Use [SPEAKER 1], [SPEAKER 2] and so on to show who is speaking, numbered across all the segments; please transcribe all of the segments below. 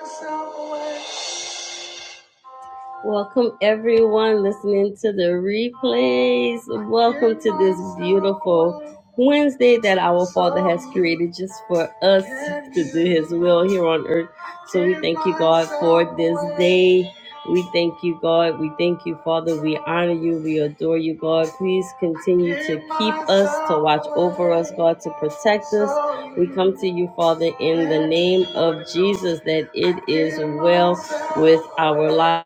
[SPEAKER 1] It's not a word. Welcome everyone listening to the replays. Welcome to this beautiful Wednesday that our Father has created just for us to do His will here on earth. So we thank you, God, for this day. We thank you, God. We thank you, Father. We honor you. We adore you, God. Please continue to keep us, to watch over us, God, to protect us. We come to you, Father, in the name of Jesus, that it is well with our lives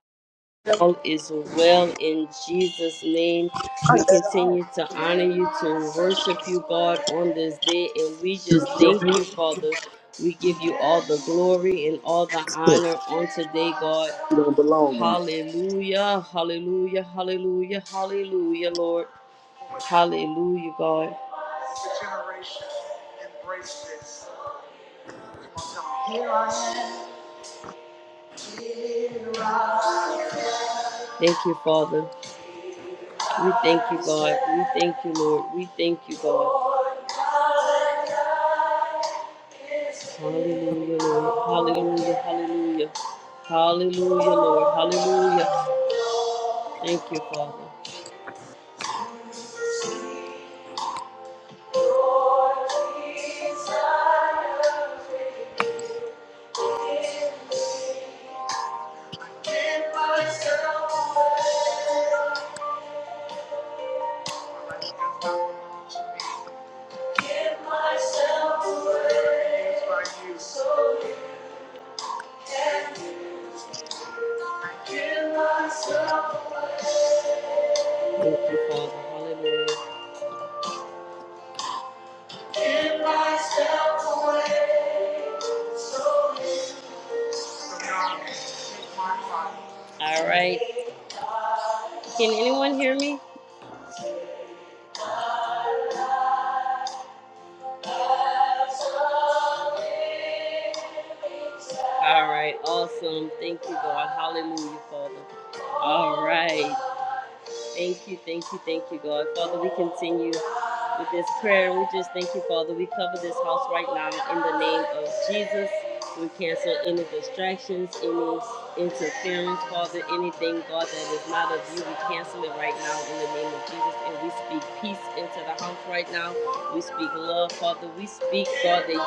[SPEAKER 1] all is well in Jesus' name.
[SPEAKER 2] I
[SPEAKER 1] We
[SPEAKER 2] let her out.
[SPEAKER 1] continue to honor you, to worship you, God, on this day. And we
[SPEAKER 2] You
[SPEAKER 1] just
[SPEAKER 2] your
[SPEAKER 1] thank you,
[SPEAKER 2] music.
[SPEAKER 1] Father. We give you all the glory and all the honor
[SPEAKER 2] You
[SPEAKER 1] on today, God.
[SPEAKER 2] don't belong in this.
[SPEAKER 1] Hallelujah, hallelujah, hallelujah, hallelujah, Lord. Hallelujah, God. The generation embrace this. Come on, tell 'em. Here I am. Thank you, Father. We thank you, God. We thank you, Lord. We thank you, God. Hallelujah, Lord. Hallelujah, hallelujah. Hallelujah, Lord. Hallelujah. Thank you, Father. Thank you, Father. Hallelujah. All right. Can anyone hear me? All right, awesome. Thank you, God. Hallelujah, Father. All right. Thank you, thank you, thank you, God. Father, we continue with this prayer. We just thank you, Father. We cover this house right now in the name of Jesus. We cancel any distractions, any interference, Father, anything, God, that is not of you. We cancel it right now in the name of Jesus. And we speak peace into the house right now. We speak love, Father. We speak, God, that you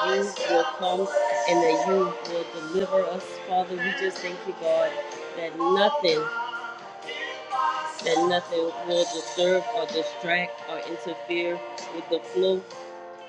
[SPEAKER 1] will come and that you will deliver us, Father. We just thank you, God, that nothing that nothing will disturb or distract or interfere with the flow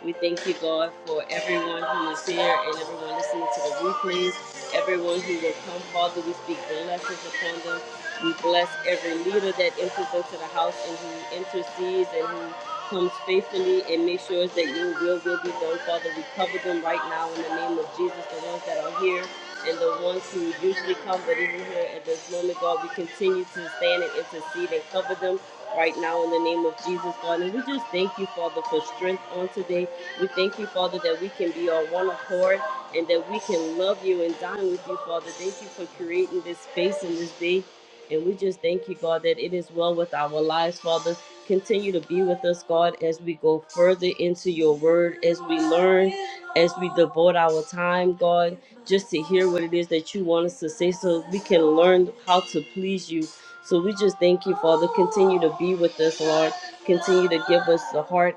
[SPEAKER 1] we thank you, God, for everyone who is here and everyone listening to the replays, everyone who will come, Father. We speak blessings upon them. We bless every leader that enters into the house and who intercedes and who comes faithfully and make sure that your will will be done, Father. We cover them right now in the name of Jesus, the ones that are here and the ones who usually come but isn't here at this moment, God. We continue to stand and intercede and cover them right now in the name of Jesus, God. And we just thank you, Father, for strength on today. We thank you, Father, that we can be on one accord and that we can love you and dine with you, Father. Thank you for creating this space and this day. And we just thank you, God, that it is well with our lives, Father. Continue to be with us, God, as we go further into your word, as we learn, as we devote our time, God, just to hear what it is that you want us to say so we can learn how to please you. So we just thank you, Father. Continue to be with us, Lord. Continue to give us the heart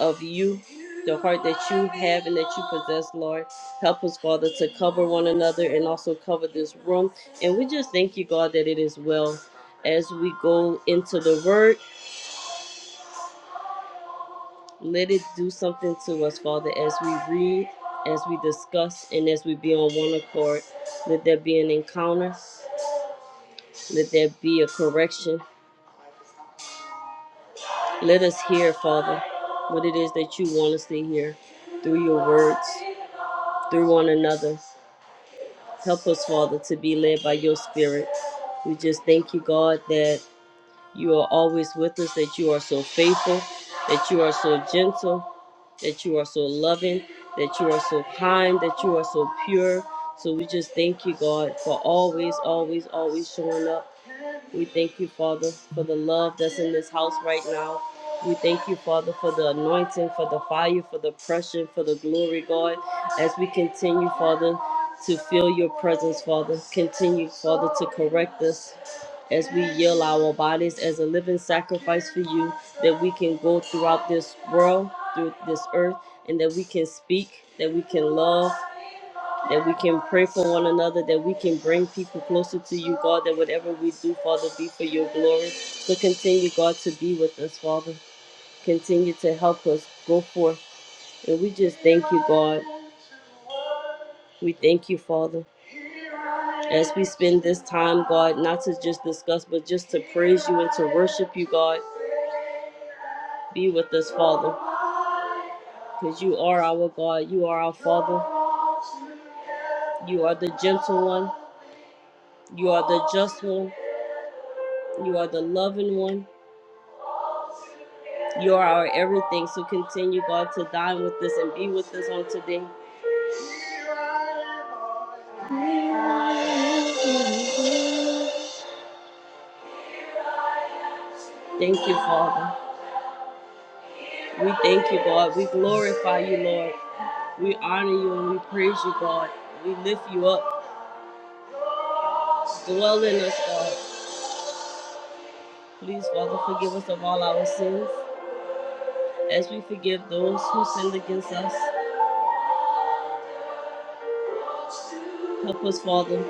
[SPEAKER 1] of you, the heart that you have and that you possess, Lord. Help us, Father, to cover one another and also cover this room. And we just thank you, God, that it is well. As we go into the word, let it do something to us, Father, as we read, as we discuss, and as we be on one accord. Let there be an encounter, let there be a correction. Let us hear, Father, what it is that you want us to hear through your words, through one another. Help us, Father, to be led by your spirit. We just thank you, God, that you are always with us, that you are so faithful, that you are so gentle, that you are so loving, that you are so kind, that you are so pure. So we just thank you, God, for always, always, always showing up we thank you, Father, for the love that's in this house right now. We thank you, Father, for the anointing, for the fire, for the pressure, for the glory, God, as we continue, Father, to feel your presence, Father. Continue, Father, to correct us as we yield our bodies as a living sacrifice for you, that we can go throughout this world, through this earth, and that we can speak, that we can love that we can pray for one another, that we can bring people closer to you, God, that whatever we do, Father, be for your glory. So continue, God, to be with us, Father. Continue to help us go forth. And we just thank you, God. We thank you, Father, as we spend this time, God, not to just discuss, but just to praise you and to worship you, God. Be with us, Father, because you are our God. You are our Father. You are the gentle one. You are the just one. You are the loving one. You are our everything. So continue, God, to dine with us and be with us on today. Thank you, Father. We thank you, God. We glorify you, Lord. We honor you and we praise you, God. We lift you up. Dwell in us, God. Please, Father, forgive us of all our sins as we forgive those who sinned against us. Help us, Father,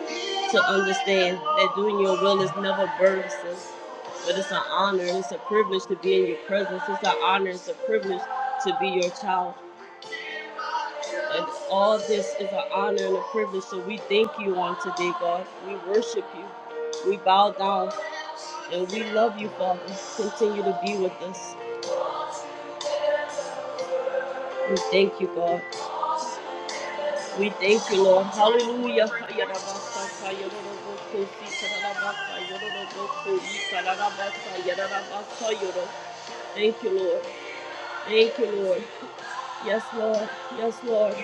[SPEAKER 1] to understand that doing your will is never burdensome. But it's an honor it's a privilege to be in your presence. It's an honor, it's a privilege to be your child. And all this is an honor and a privilege. So we thank you on today, God. We worship you. We bow down and we love you, Father. Continue to be with us. We thank you, God. We thank you, Lord. Hallelujah. Thank you, Lord. Thank you, Lord. Yes, Lord. Yes, Lord.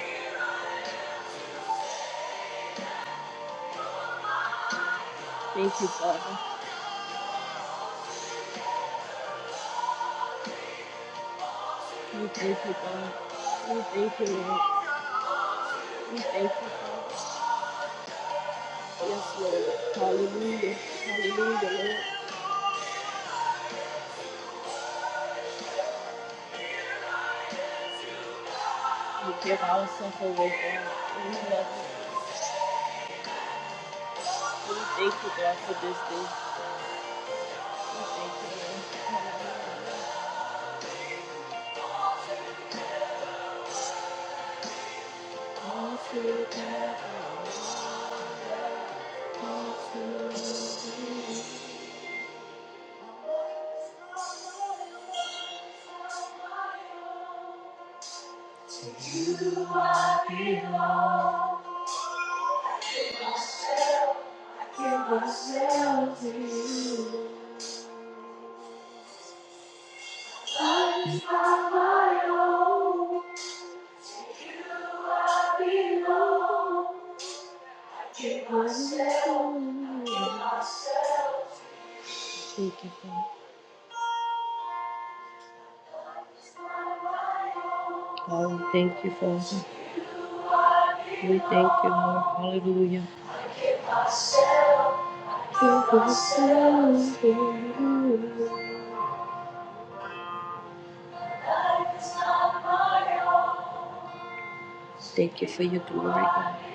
[SPEAKER 1] Thank you, Father. We thank you, God. We thank you, Lord. We thank you, Father. Yes, Lord. Hallelujah. Hallelujah, Lord. We give ourselves away, God. We love you. We thank you, God, for this day. Myself to you. I own, I belong. Give myself, give myself. Thank you, Father. God, we thank you, Father. We thank you, Lord. Hallelujah. Thank you for your glory, God.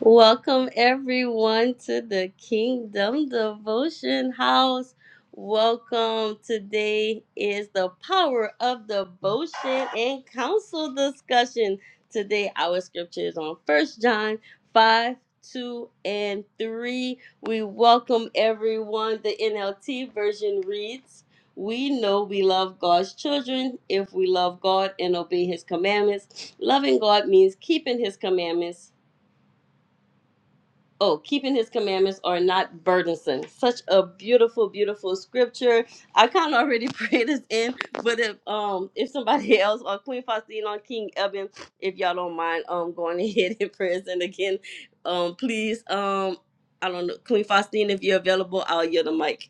[SPEAKER 1] Welcome everyone to the Kingdom Devotion House. Welcome. Today is the power of devotion and counsel discussion. Today our scripture is on First John 5, 2, and 3. We welcome everyone. The NLT version reads, we know we love God's children if we love God and obey His commandments. Loving God means keeping His commandments Oh, keeping his commandments are not burdensome. Such a beautiful, beautiful scripture. I kind of already prayed this in, but if um if somebody else or Queen Faustine on King Eben, if y'all don't mind um going ahead and praying again, um please um I don't know Queen Faustine if you're available, I'll yield the mic.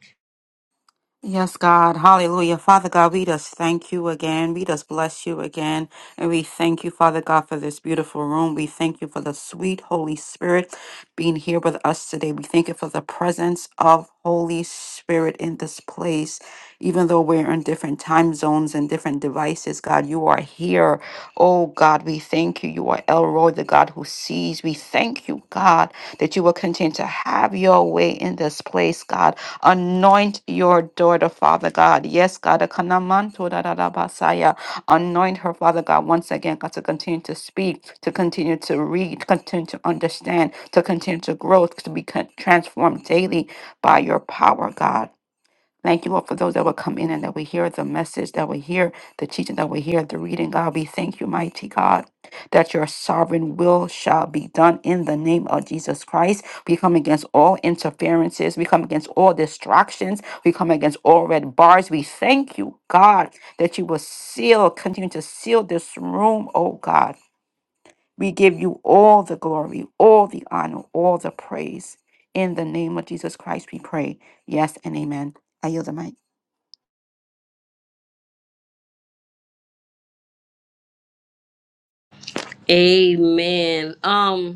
[SPEAKER 3] Yes, God. Hallelujah. Father God, we just thank you again. We just bless you again. And we thank you, Father God, for this beautiful room. We thank you for the sweet Holy Spirit being here with us today. We thank you for the presence of Holy Spirit in this place. Even though we're in different time zones and different devices, God, you are here. Oh, God, we thank you. You are Elroy, the God who sees. We thank you, God, that you will continue to have your way in this place, God. Anoint your daughter, Father God. Yes, God. Akanamanto da da da basaya. Anoint her, Father God, once again, God, to continue to speak, to continue to read, continue to understand, to continue to grow, to be con- transformed daily by your power, God. Thank you, Lord, for those that will come in and that will hear the message, that will hear the teaching, that will hear the reading. God, we thank you, mighty God, that your sovereign will shall be done in the name of Jesus Christ. We come against all interferences. We come against all distractions. We come against all red bars. We thank you, God, that you will seal, continue to seal this room, oh God. We give you all the glory, all the honor, all the praise. In the name of Jesus Christ, we pray. Yes and amen. I yield the mic.
[SPEAKER 1] Amen. Um.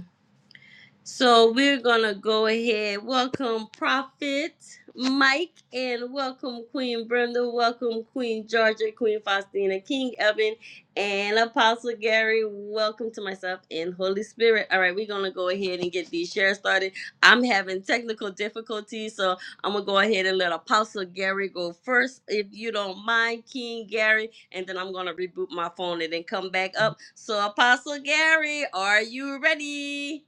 [SPEAKER 1] So we're gonna go ahead. Welcome, Prophet Mike, and welcome, Queen Brenda. Welcome, Queen Georgia, Queen Faustina, King Evan, and Apostle Gary. Welcome to myself and Holy Spirit. All right, we're gonna go ahead and get these shares started. I'm having technical difficulties, so I'm gonna go ahead and let Apostle Gary go first, if you don't mind, King Gary, and then I'm gonna reboot my phone and then come back up. So, Apostle Gary, are you ready?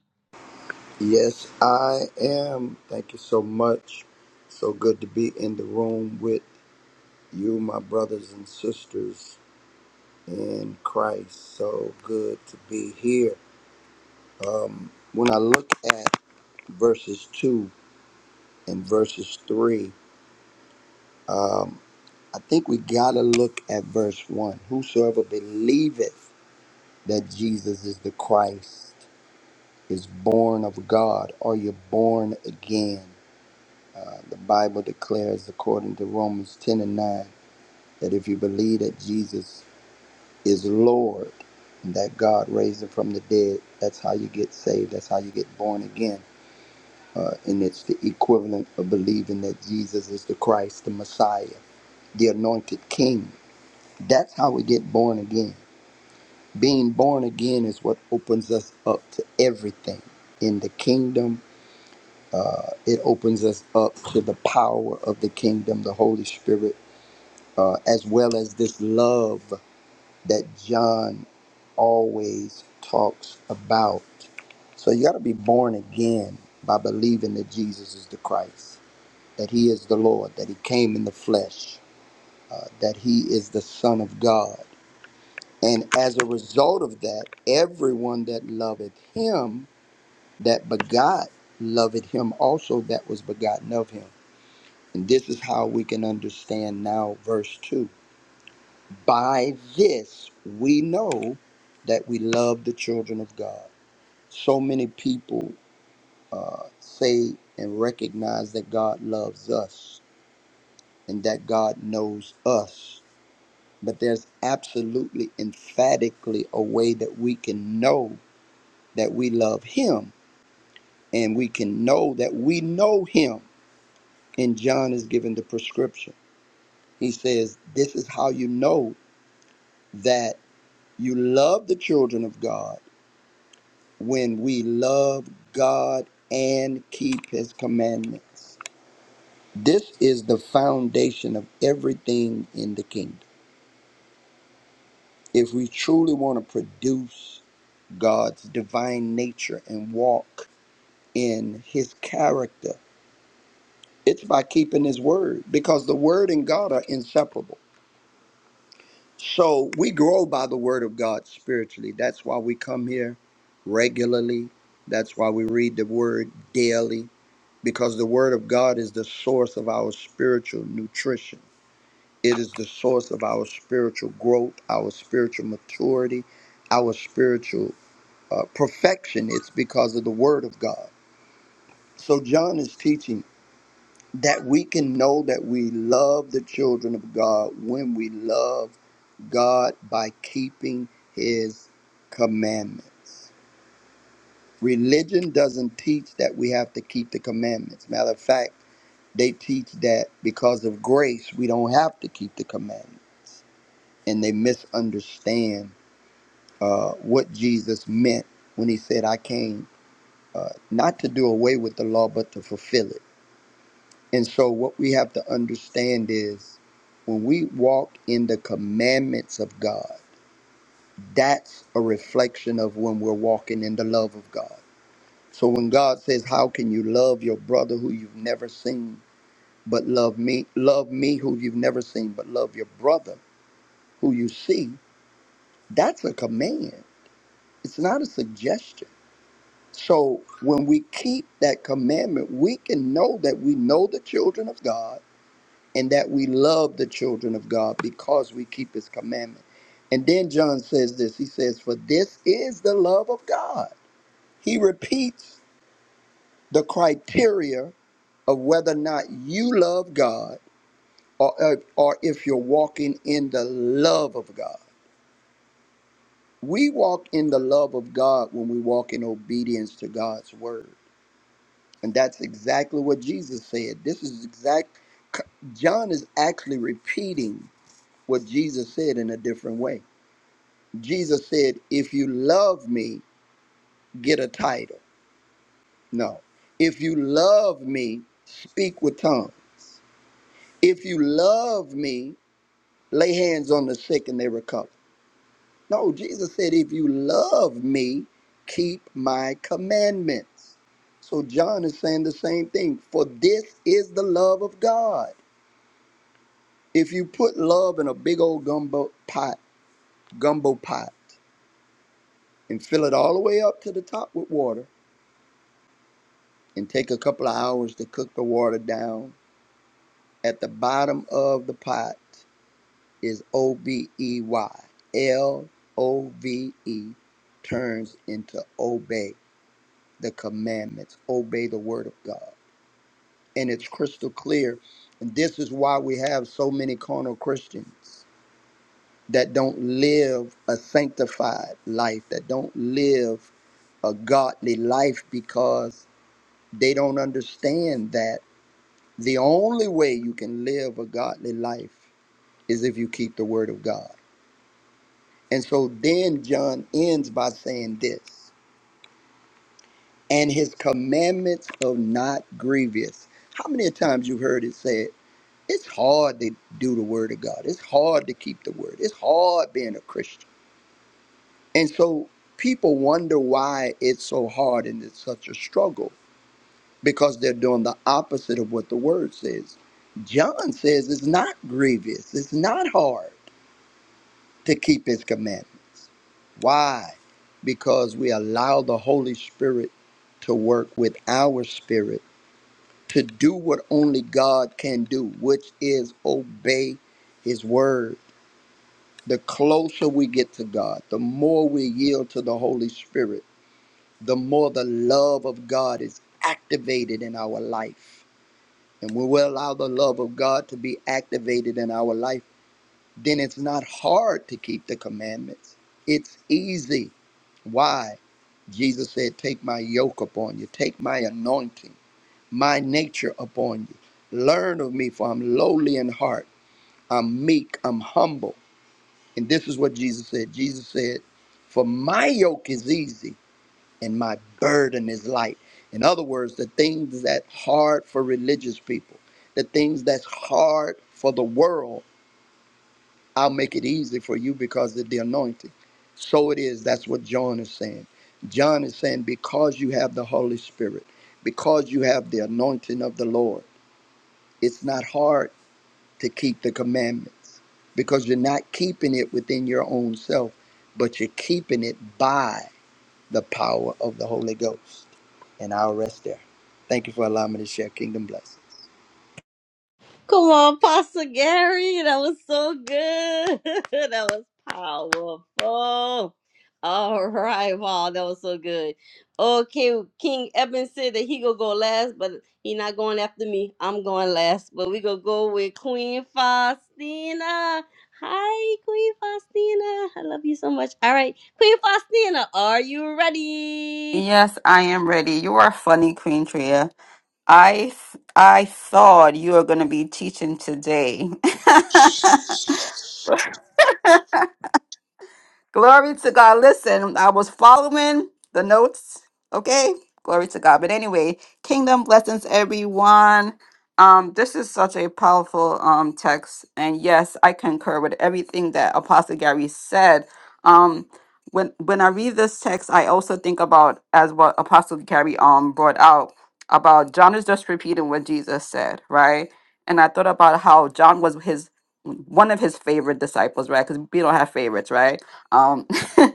[SPEAKER 2] Yes, I am. Thank you so much. So good to be in the room with you, my brothers and sisters in Christ. So good to be here. When I look at verses 2 and verses 3, I think we got to look at verse 1. Whosoever believeth that Jesus is the Christ is born of God. Are you born again? Uh, the Bible declares, according to Romans 10 and 9, that if you believe that Jesus is Lord and that God raised him from the dead, that's how you get saved. That's how you get born again. Uh, and it's the equivalent of believing that Jesus is the Christ, the Messiah, the anointed King. That's how we get born again. Being born again is what opens us up to everything in the kingdom. Uh, it opens us up to the power of the kingdom, the Holy Spirit uh, as well as this love that John always talks about. So you got to be born again by believing that Jesus is the Christ, that He is the Lord, that He came in the flesh, uh, that He is the Son of God. And as a result of that, everyone that loveth Him that begot loveth Him also that was begotten of Him. And this is how we can understand now verse 2 By this we know that we love the children of God. So many people uh, say and recognize that God loves us and that God knows us. But there's absolutely emphatically a way that we can know that we love Him and we can know that we know Him. And John is given the prescription. He says, This is how you know that you love the children of God when we love God and keep his commandments. This is the foundation of everything in the kingdom. If we truly want to produce God's divine nature and walk in his character, it's by keeping his word because the word and God are inseparable. So we grow by the word of God spiritually. That's why we come here regularly. That's why we read the word daily. because the Word of God is the source of our spiritual nutrition. It is the source of our spiritual growth, our spiritual maturity, our spiritual uh, perfection. It's because of the Word of God. So, John is teaching that we can know that we love the children of God when we love God by keeping His commandments. Religion doesn't teach that we have to keep the commandments. Matter of fact, They teach that because of grace, we don't have to keep the commandment. And they misunderstand uh, what Jesus meant when he said, I came uh, not to do away with the law, but to fulfill it. And so, what we have to understand is when we walk in the commandments of God, that's a reflection of when we're walking in the love of God. So, when God says, How can you love your brother who you've never seen, but love me? Love me who you've never seen, but love your brother who you see, that's a command. It's not a suggestion. So when we keep that commandment, we can know that we know the children of God and that we love the children of God because we keep his commandment. And then John says this he says, For this is the love of God. He repeats the criteria of whether or not you love God or, or if you're walking in the love of God. We walk in the love of God when we walk in obedience to God's word. And that's exactly what Jesus said. This is exact John is actually repeating what Jesus said in a different way. Jesus said, "If you love me, get a title." No. "If you love me, speak with tongues. If you love me, lay hands on the sick and they recover." No, Jesus said, if you love me, keep my commandments. So John is saying the same thing. For this is the love of God. If you put love in a big old gumbo pot, gumbo pot, and fill it all the way up to the top with water, and take a couple of hours to cook the water down, at the bottom of the pot is O B E Y. L O V E turns into obey the commandments, obey the word of God. and it's crystal clear. And this is why we have so many carnal Christians that don't live a sanctified life, that don't live a godly life because they don't understand that the only way you can live a godly life is if you keep the word of God. And so then John ends by saying this, and his commandments are not grievous. How many times you've heard it said, It's hard to do the word of God. It's hard to keep the word. It's hard being a Christian. And so people wonder why it's so hard and it's such a struggle because they're doing the opposite of what the word says. John says it's not grievous, it's not hard to keep his commandments. Why? Because we allow the Holy Spirit to work with our spirit to do what only God can do, which is obey his word The closer we get to God, the more we yield to the Holy Spirit, the more the love of God is activated in our life. And when we allow the love of God to be activated in our life, then it's not hard to keep the commandments. It's easy. Why? Jesus said, Take my yoke upon you, take my anointing, my nature upon you. Learn of me, for I'm lowly in heart. I'm meek, I'm humble And this is what Jesus said. Jesus said, For my yoke is easy and my burden is light. In other words, the things that hard for religious people, the things that's hard for the world, I'll make it easy for you because of the anointing. So it is. That's what John is saying. John is saying, because you have the Holy Spirit, because you have the anointing of the Lord, it's not hard to keep the commandments because you're not keeping it within your own self, but you're keeping it by the power of the Holy Ghost. And I'll rest there. Thank you for allowing me to share kingdom blessings.
[SPEAKER 1] Come on, Pastor Gary. That was so good. that was powerful. All right. Wow, that was so good. Okay, King Eben said that he gonna go last, but he not going after me. I'm going last. But we gonna go with Queen Faustina. Hi, Queen Faustina. I love you so much. All right, Queen Faustina, are you ready?
[SPEAKER 3] Yes, I am ready. You are funny, Queen Tria. I I thought you were going to be teaching today. Glory to God. Listen, I was following the notes. Okay. Glory to God. But anyway, kingdom blessings, everyone. Um, this is such a powerful um text. And yes, I concur with everything that Apostle Gary said. Um, when when I read this text, I also think about as what Apostle Gary um brought out about John is just repeating what Jesus said, right? And I thought about how John was his one of his favorite disciples, right? Because we don't have favorites, right? Um,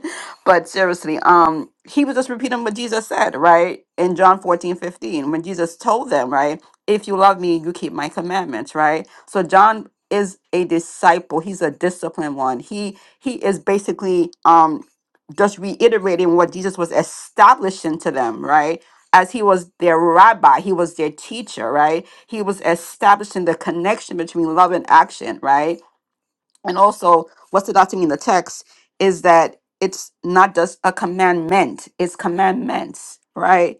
[SPEAKER 3] but seriously, um, he was just repeating what Jesus said, right? In John 14 15, when Jesus told them, right, if you love me, you keep my commandments, right? So John is a disciple, he's a disciplined one. He he is basically um just reiterating what Jesus was establishing to them, right? As he was their rabbi, he was their teacher, right? He was establishing the connection between love and action, right? and also what stood out to me in the text is that it's not just a commandment it's commandments right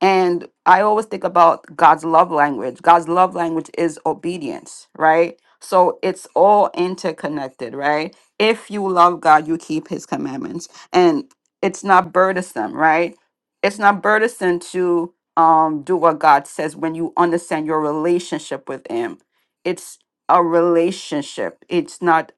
[SPEAKER 3] and I always think about God's love language. God's love language is obedience, right? So it's all interconnected, right? If you love God, you keep his commandments. And it's not burdensome, right? It's not burdensome to um do what God says when you understand your relationship with him. It's a relationship. It's not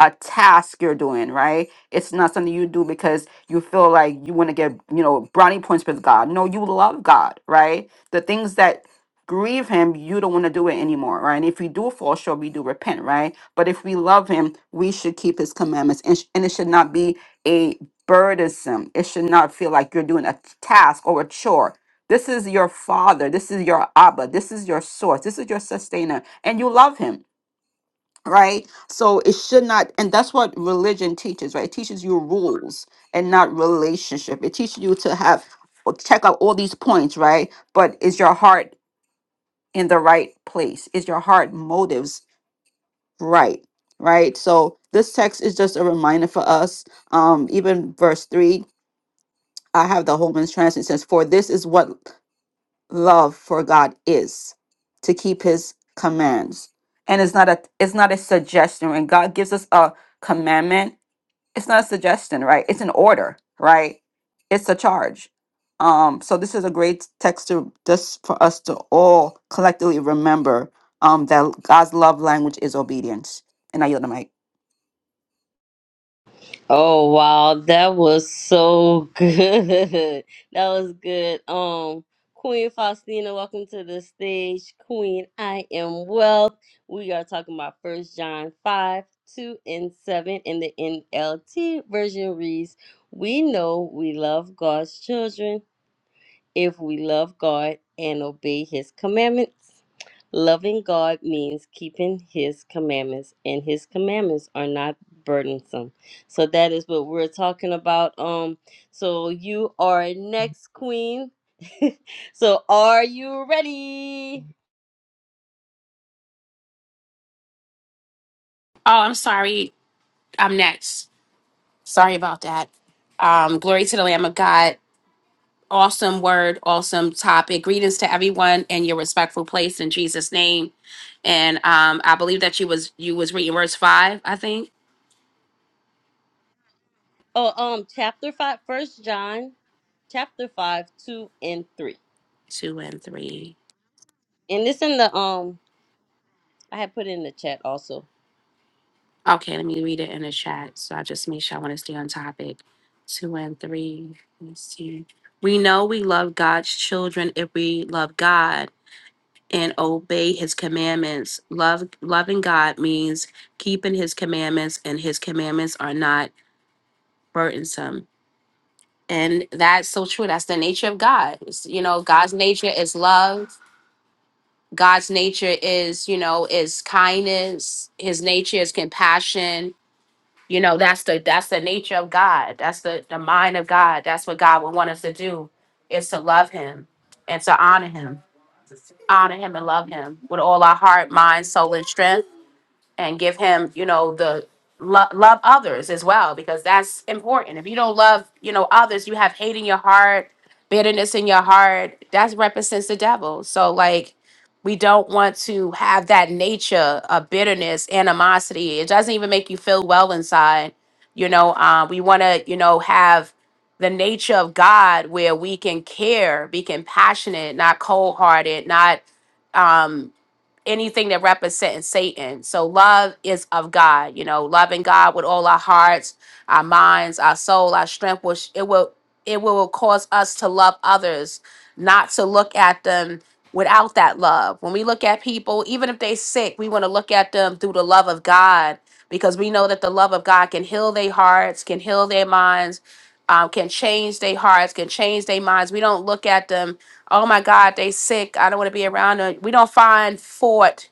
[SPEAKER 3] a task you're doing, right? It's not something you do because you feel like you want to get you know brownie points with god no you love god right the things that grieve him you don't want to do it anymore right and if we do fall short we do repent right but if we love him we should keep his commandments and, sh- and it should not be a burdensome it should not feel like you're doing a task or a chore this is your father this is your abba this is your source this is your sustainer and you love him right? So it should not, and that's what religion teaches, right? It teaches you rules and not relationship. It teaches you to have or check out all these points, right? But is your heart in the right place? Is your heart motives right? Right. So this text is just a reminder for us. Um, even verse three, I have the Holman's translation says, "For this is what." love for God is to keep his commands. And it's not a it's not a suggestion. When God gives us a commandment, it's not a suggestion, right? It's an order, right? It's a charge. Um, so this is a great text to just for us to all collectively remember um that God's love language is obedience. And I yield the mic.
[SPEAKER 1] Oh wow, that was so good. That was good. Um, Queen Faustina, welcome to the stage. Queen, I am wealth. We are talking about First John five, two and seven, in the NLT version reads: "We know we love God's children." if we love God and obey His commandments. Loving God means keeping His commandments, and His commandments are not burdensome. So that is what we're talking about. Um, so you are next, Queen. so are you ready?
[SPEAKER 4] Oh, I'm sorry. I'm next. Sorry about that. Um, glory to the Lamb of God. Awesome word, awesome topic. Greetings to everyone in your respectful place in Jesus' name. And um, I believe that you was you was reading verse five, I think.
[SPEAKER 1] Oh, um, chapter five, First John, chapter five, two and three,
[SPEAKER 4] Two and three.
[SPEAKER 1] and it's in the um I had put it in the chat also.
[SPEAKER 4] Okay, let me read it in the chat. So I just make sure I want to stay on topic. Two and three. Let's see. We know we love God's children if we love God. and obey his commandments. Love loving God means keeping his commandments and his commandments are not burdensome. And that's so true. That's the nature of God. It's, you know, God's nature is love. God's nature is, you know, is kindness. His nature is compassion. You know, that's the that's the nature of God. That's the the mind of God. That's what God would want us to do is to love hhim and to honor him. Honor him and love him with all our heart, mind, soul, and strength and give him, you know, the lo- love others as well because that's important. If you don't love, you know, others, you have hate in your heart, bitterness in your heart. That represents the devil. So like we don't want to have that nature of bitterness, animosity. It doesn't even make you feel well inside. You know, uh, we want to, you know, have the nature of God where we can care, be compassionate, not cold hearted, not um, anything that represents Satan. So love is of God, you know, loving God with all our hearts, our minds, our soul, our strength, which it will it will cause us to love others, not to look at them without that love. When we look at people, even if they sick, we want to look at them through the love of God because we know that the love of God can heal their hearts, can heal their minds, um, can change their hearts, can change their minds. We don't look at them oh my God, they sick. I don't want to be around them. We don't find fault,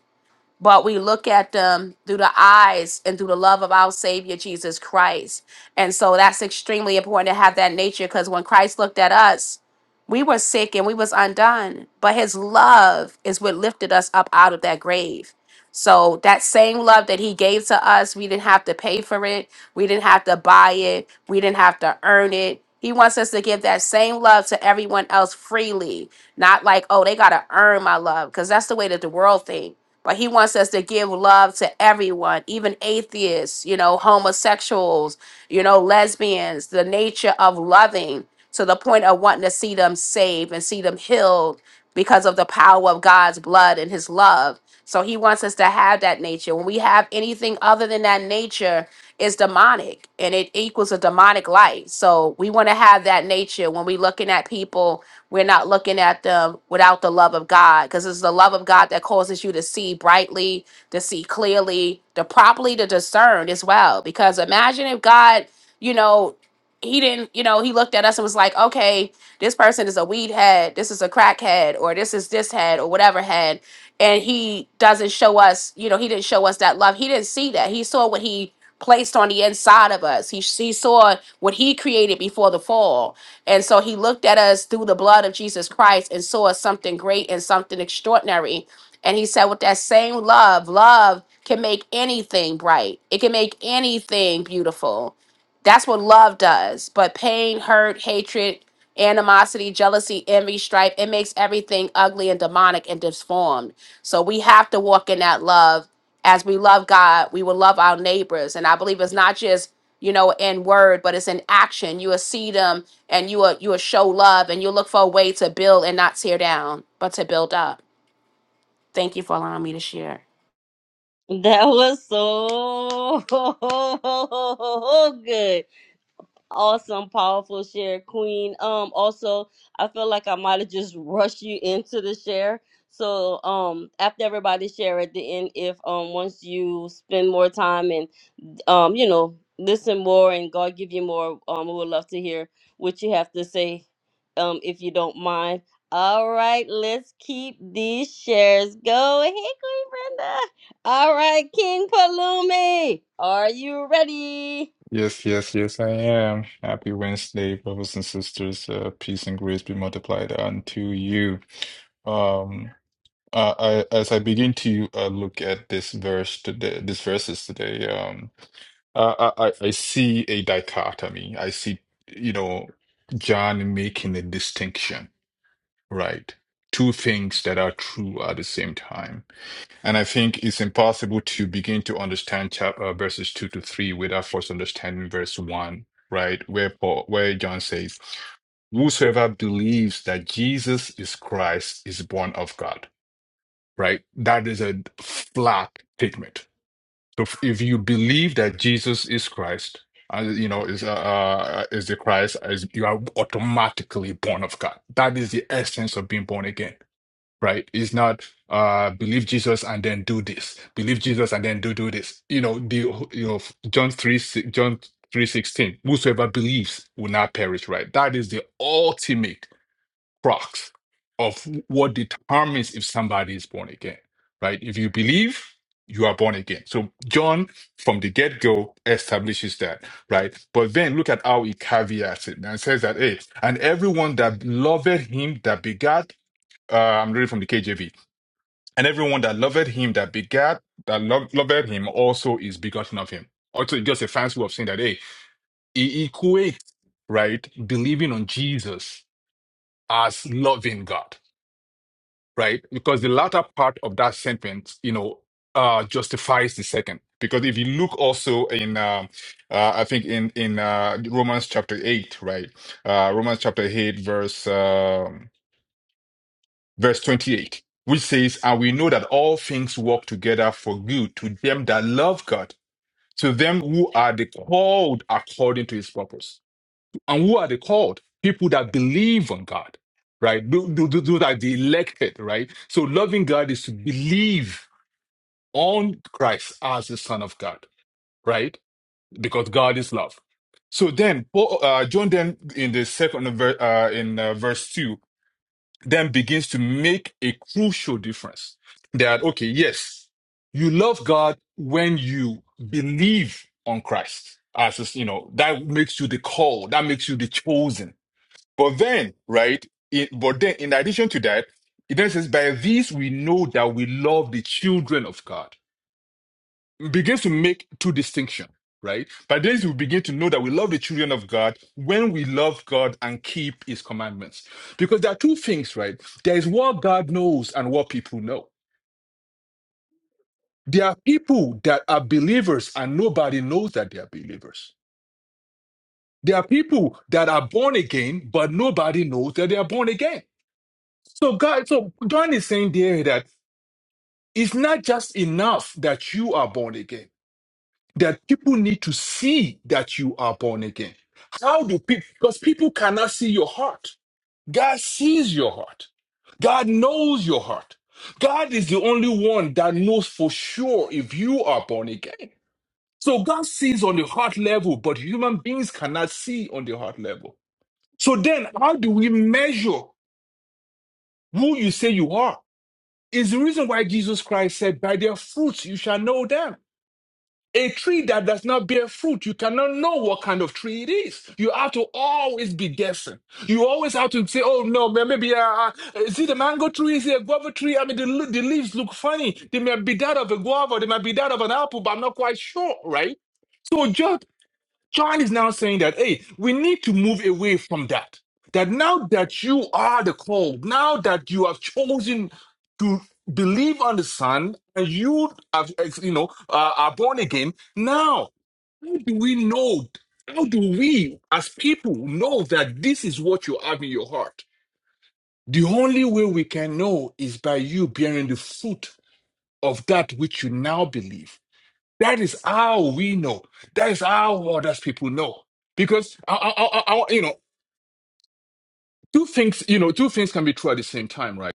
[SPEAKER 4] but we look at them through the eyes and through the love of our Savior Jesus Christ. And so that's extremely important to have that nature because when Christ looked at us, we were sick and we was undone, but his love is what lifted us up out of that grave. So that same love that he gave to us, we didn't have to pay for it. We didn't have to buy it, we didn't have to earn it. He wants us to give that same love to everyone else freely, not like, oh, they got to earn my love, because that's the way that the world thinks. But he wants us to give love to everyone, even atheists, you know, homosexuals, you know, lesbians, the nature of loving to the point of wanting to see them saved and see them healed because of the power of God's blood and his love. So he wants us to have that nature. When we have anything other than that nature, it's demonic and it equals a demonic life. So we want to have that nature when we're looking at people, we're not looking at them without the love of God because it's the love of God that causes you to see brightly, to see clearly, to properly to discern as well. Because imagine if God, you know, he didn't, you know, he looked at us and was like, okay, this person is a weed head, this is a crack head, or this is this head, or whatever head. And he doesn't show us, you know, he didn't show us that love. He didn't see that. He saw what he placed on the inside of us. He, he saw what he created before the fall. And so he looked at us through the blood of Jesus Christ and saw something great and something extraordinary. And he said, with that same love, love can make anything bright, it can make anything beautiful. That's what love does. But pain, hurt, hatred, animosity, jealousy, envy, strife. It makes everything ugly and demonic and disformed. So we have to walk in that love. As we love God, we will love our neighbors. And I believe it's not just you know in word, but it's in action. You will see them, and you will you will show love, and you will look for a way to build and not tear down, but to build up. Thank you for allowing me to share.
[SPEAKER 1] That was so good. Awesome, powerful share, Queen. Um, also, I feel like I might have just rushed you into the share. So, um, after everybody share at the end, if um once you spend more time and um, you know, listen more and God give you more. Um, we would love to hear what you have to say, um, if you don't mind. All right, let's keep these shares going. Hey, Queen Brenda. All right, King Palumi, are you ready?
[SPEAKER 5] Yes, yes, yes, I am. Happy Wednesday, brothers and sisters. Uh, peace and grace be multiplied unto you. Um, uh, I, as I begin to uh, look at this verse today, these verses today, um, I, I, I I see a dichotomy. I see, you know, John making a distinction, right? Two things that are true at the same time. And I think it's impossible to begin to understand chap uh, verses two to three without first understanding verse one, right? Where Paul, where John says, "Whosoever believes that Jesus is Christ is born of God." Right? That is a flat statement. So if if you believe that Jesus is Christ, uh, you know, is uh, uh, is the Christ, is, you are automatically born of God. That is the essence of being born again right? It's not uh believe Jesus and then do this, believe Jesus and then do do this. You know, the you know John three si- John three sixteen. Whosoever believes will not perish, right? That is the ultimate crux of what determines if somebody is born again, right? If you believe, you are born again. So John from the get go establishes that, right? But then look at how he caveats it and says that, hey, and everyone that loved him that begat uh, I'm reading from the KJV and everyone that loved him that begat, that lo- loved him also is begotten of him. Also, it's just a fancy way of saying that, hey, he equates, right, believing on Jesus as loving God, right? Because the latter part of that sentence, you know, uh, justifies the second. Because if you look also in, um uh, I think in in uh, Romans chapter eight, right? Uh, Romans chapter eight, verse. um, Verse 28, which says, And we know that all things work together for good to them that love God, to them who are the called according to his purpose. And who are the called? People that believe on God, right? Those those are the elected, right? So loving God is to believe on Christ as the Son of God, right? Because God is love. So then, Paul, uh, John then in the second ver- uh, in uh, verse two then begins to make a crucial difference. That, okay, yes, you love God when you believe on Christ. As is, you know, that makes you the called, that makes you the chosen. But then, right? It, but then, in addition to that, it then says, by this we know that we love the children of God begins to make two distinctions, right? By this, we begin to know that we love the children of God when we love God and keep his commandments. Because there are two things, right? There is what God knows and what people know. There are people that are believers and nobody knows that they are believers. There are people that are born again, but nobody knows that they are born again. So God, so John is saying there that it's not just enough that you are born again. that people need to see that you are born again. How do people, because people cannot see your heart. God sees your heart. God knows your heart. God is the only one that knows for sure if you are born again. So God sees on the heart level, but human beings cannot see on the heart level. So then how do we measure who you say you are? Is the reason why Jesus Christ said, by their fruits you shall know them. A tree that does not bear fruit, you cannot know what kind of tree it is. You have to always be guessing. You always have to say, oh no, may- maybe, uh, uh, is it a mango tree? Is it a guava tree? I mean, the, le- the leaves look funny. They may be that of a guava, they might be that of an apple, but I'm not quite sure, right? So, just John is now saying that, hey, we need to move away from that. That now that you are the called, now that you have chosen to believe on the Son, and you have, you know, uh, are born again, now, how do we know? How do we, as people, know that this is what you have in your heart? The only way we can know is by you bearing the fruit of that which you now believe. That is how we know. That is how others people know. Because I, I, I, I- you know, two things, you know, two things can be true at the same time, right?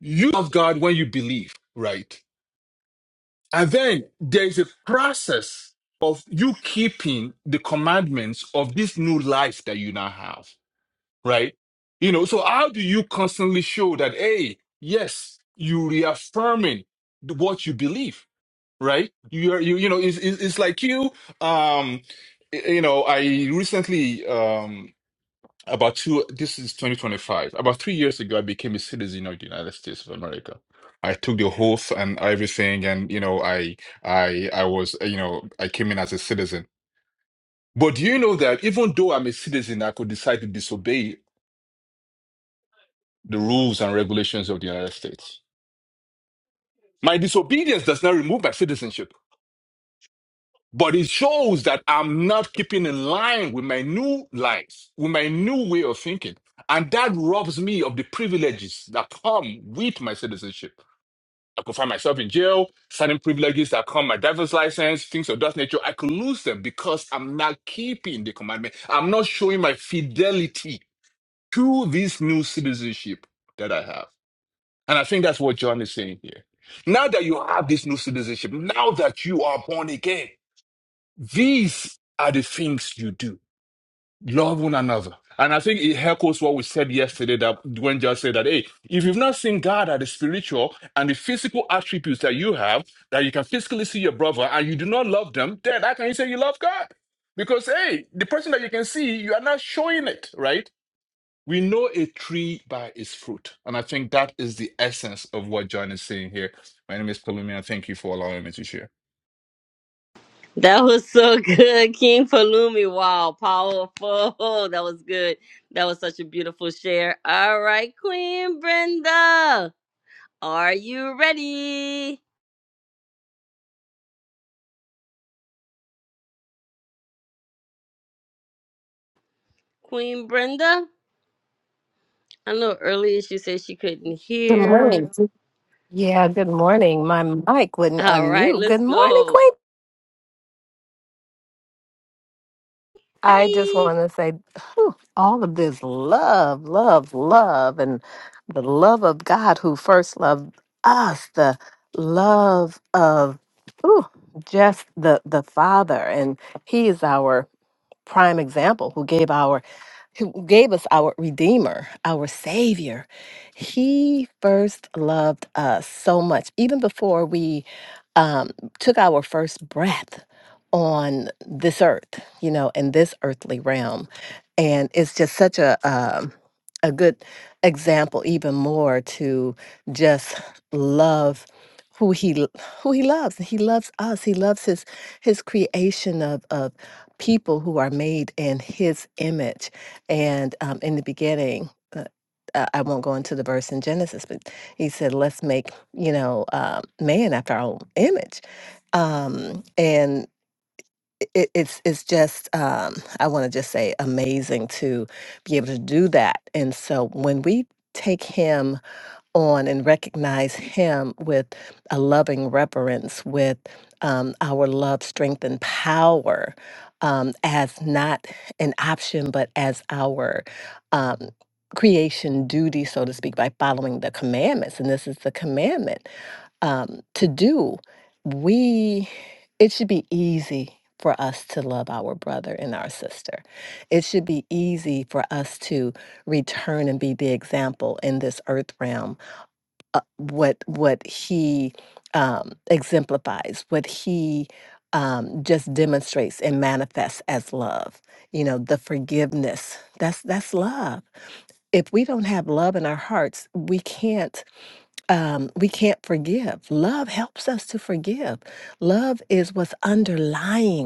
[SPEAKER 5] You love God when you believe, right? And then there is a process of you keeping the commandments of this new life that you now have, right? You know, so how do you constantly show that, hey, yes, you reaffirming the- what you believe? right? You are you you know it's it's it's like you um y- you know I recently um about two this is 2025 about three years ago I became a citizen of the United States of America. I took the oath and everything, and you know I I I was uh, you know I came in as a citizen. But do you know that even though I'm a citizen, I could decide to disobey the rules and regulations of the United States. My disobedience does not remove my citizenship. But it shows that I'm not keeping in line with my new life, with my new way of thinking. And that robs me of the privileges that come with my citizenship. I could find myself in jail, certain privileges that come, my driver's license, things of that nature. I could lose them because I'm not keeping the commandment. I'm not showing my fidelity to this new citizenship that I have. And I think that's what John is saying here. Now that you have this new citizenship, now that you are born again, these are the things you do. Love one another. And I think it echoes what we said yesterday that when just said that, hey, if you've not seen God at the spiritual and the physical attributes that you have, that you can physically see your brother and you do not love them, then how can you say you love God? Because, hey, the person that you can see, you are not showing it, right? We know a tree by its fruit. And I think that is the essence of what John is saying here. My name is Palumi, and thank you for allowing me to share.
[SPEAKER 1] That was so good, King Palumi. Wow, powerful. That was good. That was such a beautiful share. All right, Queen Brenda, are you ready? Queen Brenda? I know earlier she said she couldn't
[SPEAKER 6] Good
[SPEAKER 1] hear.
[SPEAKER 6] morning. Yeah, good morning. My mic wouldn't
[SPEAKER 1] All right,
[SPEAKER 6] unmute. Good
[SPEAKER 1] let's
[SPEAKER 6] morning,
[SPEAKER 1] go.
[SPEAKER 6] Queen. I just
[SPEAKER 1] Hi.
[SPEAKER 6] want to say whew, all of this love, love, love, and the love of God who first loved us, the love of ooh, just the, the Father. And He is our prime example who gave our who gave us our redeemer, our savior. He first loved us so much even before we um took our first breath on this earth, you know, in this earthly realm. And it's just such a um a good example even more to just love who he l- who he loves. He loves us. He loves his his creation of of people who are made in his image. And um, in the beginning, uh, uh, I won't go into the verse in Genesis, but he said, let's make, you know, uh, man after our own image. Um, and it, it's it's just um, I want to just say amazing to be able to do that. And so when we take him on and recognize Him with a loving reverence, with um, our love, strength, and power um, as not an option, but as our um, creation duty, so to speak, by following the commandments. And this is the commandment um, to do. We, it should be easy. For us to love our brother and our sister. It should be easy for us to return and be the example in this earth realm uh, what what he um, exemplifies, what he um, just demonstrates and manifests as love. You know, the forgiveness. That's that's love. If we don't have love in our hearts, we can't um, we can't forgive. Love helps us to forgive. Love is what's underlying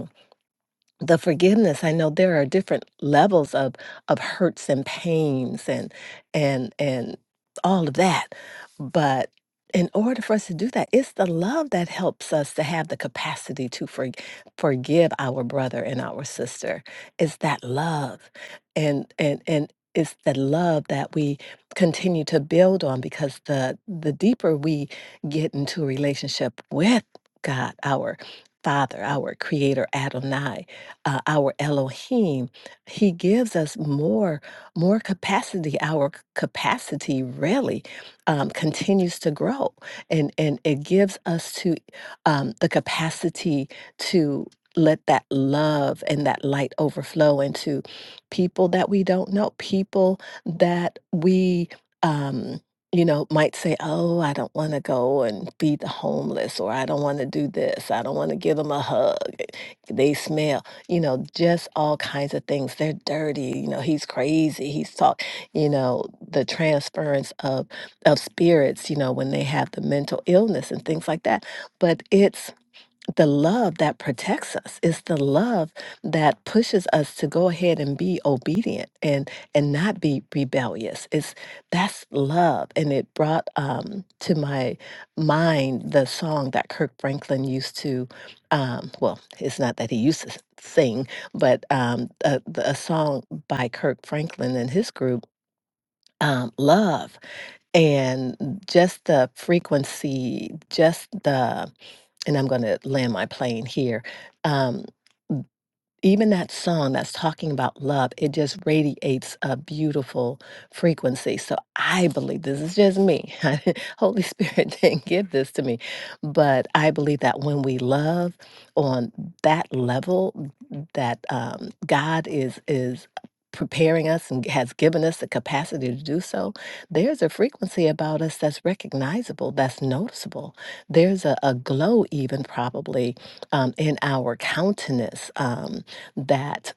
[SPEAKER 6] the forgiveness i know there are different levels of of hurts and pains and and and all of that but in order for us to do that it's the love that helps us to have the capacity to for, forgive our brother and our sister it's that love and and and it's the love that we continue to build on because the the deeper we get into a relationship with god our father our creator adonai uh, our Elohim. He gives us more, more capacity. Our c- capacity really um, continues to grow, and and it gives us to um, the capacity to let that love and that light overflow into people that we don't know, people that we. Um, you know, might say, Oh, I don't want to go and feed the homeless, or I don't want to do this. I don't want to give them a hug. They smell you know, just all kinds of things. They're dirty, you know, he's crazy, he's talk, you know, the transference of of spirits, you know, when they have the mental illness and things like that. But it's the love that protects us it's the love that pushes us to go ahead and be obedient and and not be rebellious it's that's love and it brought um to my mind the song that kirk franklin used to um well it's not that he used to s- sing but um a, a song by kirk franklin and his group um, love and just the frequency, just the and I'm going to land my plane here. Um, even that song that's talking about love, it just radiates a beautiful frequency. So I believe this is just me. Holy Spirit didn't give this to me. But I believe that when we love on that level, that um, God is is preparing us and has given us the capacity to do so there's a frequency about us that's recognizable that's noticeable there's a, a glow even probably um, in our countenance. Um, that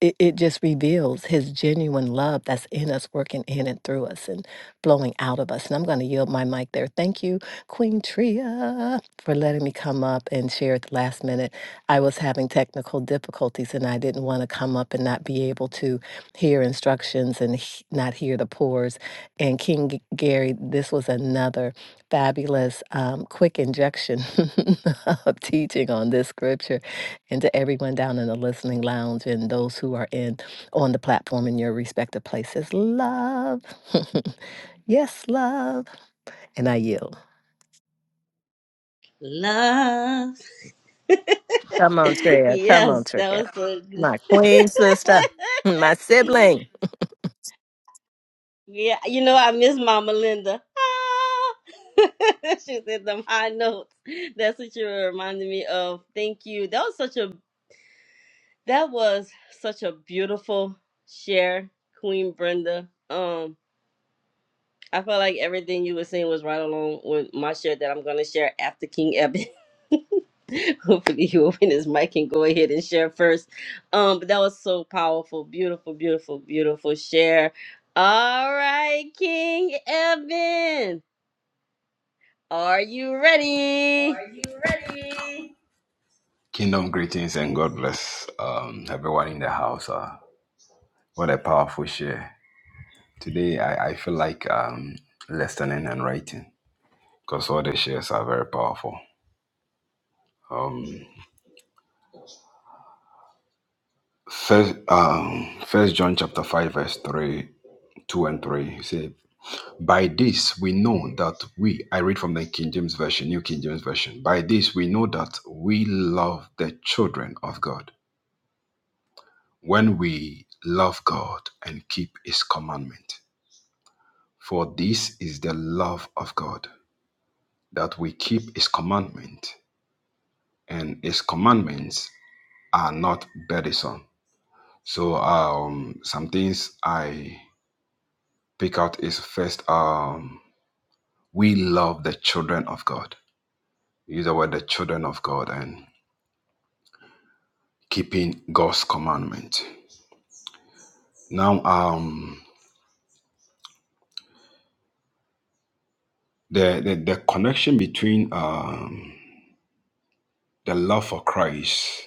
[SPEAKER 6] it, it just reveals his genuine love that's in us, working in and through us and flowing out of us. And I'm going to yield my mic there. Thank you, Queen Tria, for letting me come up and share at the last minute. I was having technical difficulties and I didn't want to come up and not be able to hear instructions and he- not hear the pores. And King G- Gary, this was another fabulous, um, quick injection of teaching on this scripture and to everyone down in the listening lounge and those who are in on the platform in your respective places. Love. yes, love. And I yield.
[SPEAKER 1] Love.
[SPEAKER 6] Come on, Tria. Come on,
[SPEAKER 1] yes, that
[SPEAKER 6] Tria.
[SPEAKER 1] was so good.
[SPEAKER 6] My queen sister. My sibling.
[SPEAKER 1] yeah, you know, I miss Mama Linda. Ah. she said them high notes. That's what you reminded me of. Thank you. That was such a that was such a beautiful share, Queen Brenda. Um. I felt like everything you were saying was right along with my share that I'm going to share after King Evan. Hopefully, you open his mic and go ahead and share first. Um, but that was so powerful, beautiful, beautiful, beautiful share. All right, King Evan, are you ready?
[SPEAKER 7] Are you ready? Kingdom greetings and God bless um, everyone in the house. Uh, what a powerful share. Today, I, I feel like um, listening and writing because all the shares are very powerful. Um, first, um, first John chapter 5, verse 3, 2 and 3 say, By this we know that we, I read from the King James Version, New King James Version, by this we know that we love the children of God when we love God and keep His commandment. For this is the love of God, that we keep His commandment, and His commandments are not burdensome. So, um, some things I pick out is first, um, we love the children of God. Use the word the children of God and keeping God's commandment. Now, um, the, the the connection between um, the love for Christ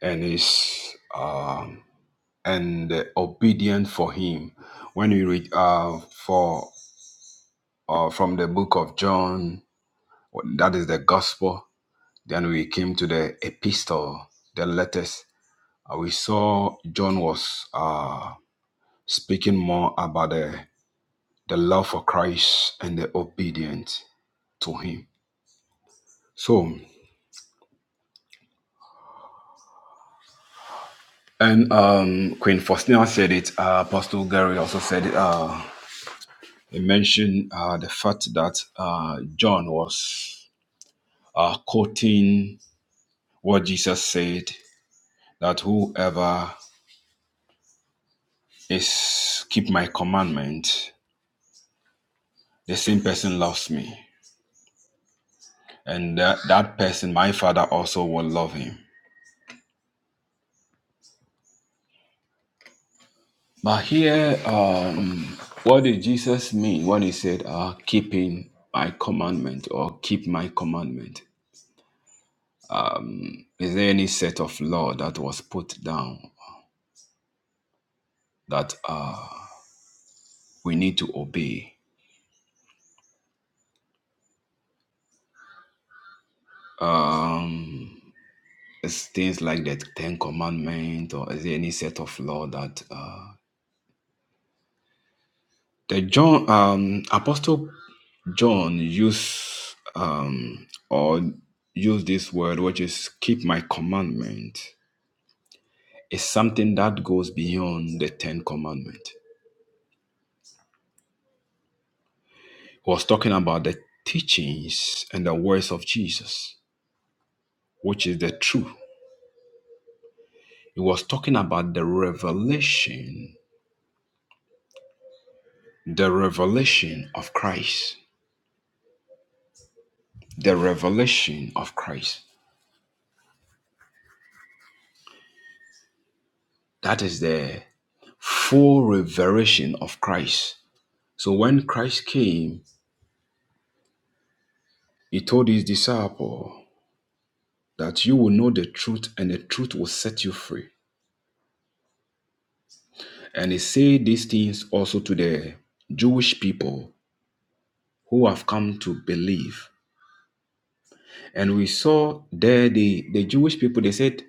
[SPEAKER 7] and is um, and obedient for him. When you read uh, for uh, from the book of John, that is the gospel. Then we came to the epistle, the letters. Uh, we saw John was uh, speaking more about the the love for Christ and the obedience to him. So, and um, Queen Faustina said it. Uh, Apostle Gary also said it. Uh, It mentioned uh, the fact that uh, John was uh, quoting what Jesus said that whoever is keep my commandment, the same person loves me, and that, that person, my Father, also will love him. But here, um, what did Jesus mean when he said, uh, keeping my commandment or keep my commandment? Um, is there any set of law that was put down that uh, we need to obey. Um, it's things like the Ten Commandment, or is there any set of law that uh, the John um, Apostle John use um, or use this word, which is keep my commandment, is something that goes beyond the Ten Commandment. He was talking about the teachings and the words of Jesus, which is the truth. He was talking about the revelation the revelation of Christ. The revelation of Christ. That is the full revelation of Christ. So when Christ came, he told his disciple that you will know the truth and the truth will set you free. And he said these things also to the Jewish people who have come to believe. And we saw there the, the Jewish people, they said,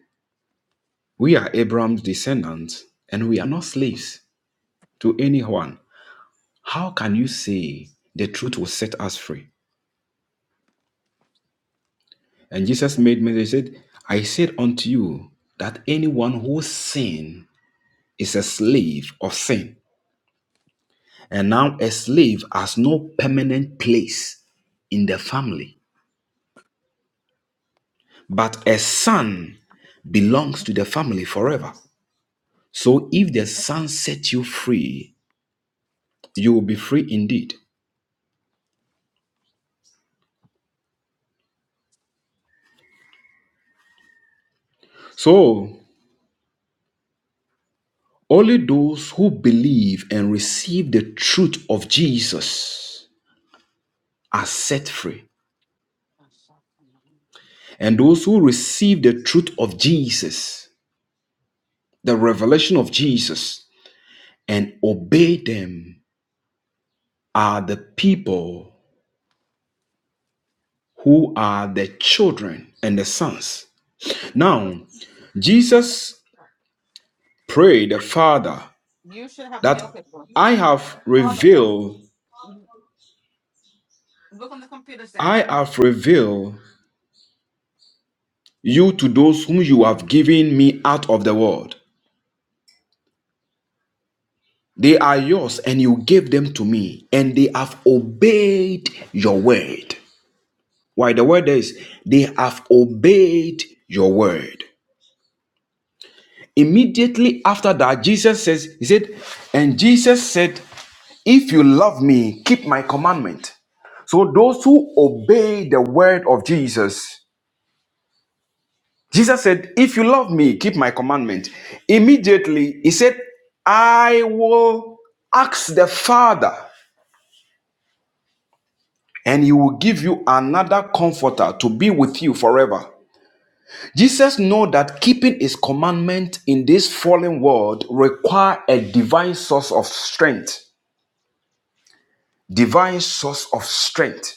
[SPEAKER 7] We are Abraham's descendants and we are not slaves to anyone. How can you say the truth will set us free? And Jesus made me, he said, I said unto you that anyone who sin is a slave of sin. And now a slave has no permanent place in the family, but a son belongs to the family forever. So if the son set you free, you will be free indeed. So only those who believe and receive the truth of Jesus are set free. And those who receive the truth of Jesus, the revelation of Jesus, and obey them are the people who are the children and the sons. Now, Jesus prayed the Father that I have revealed, I have revealed you to those whom you have given me out of the world. They are yours, and you gave them to me, and they have obeyed your word. Why the word is, they have obeyed your word. Immediately after that, Jesus says, He said, and Jesus said, If you love me, keep my commandment. So those who obey the word of Jesus, Jesus said, If you love me, keep my commandment. Immediately, He said, I will ask the Father, and He will give you another comforter to be with you forever Jesus know that keeping his commandment in this fallen world require a divine source of strength. Divine source of strength.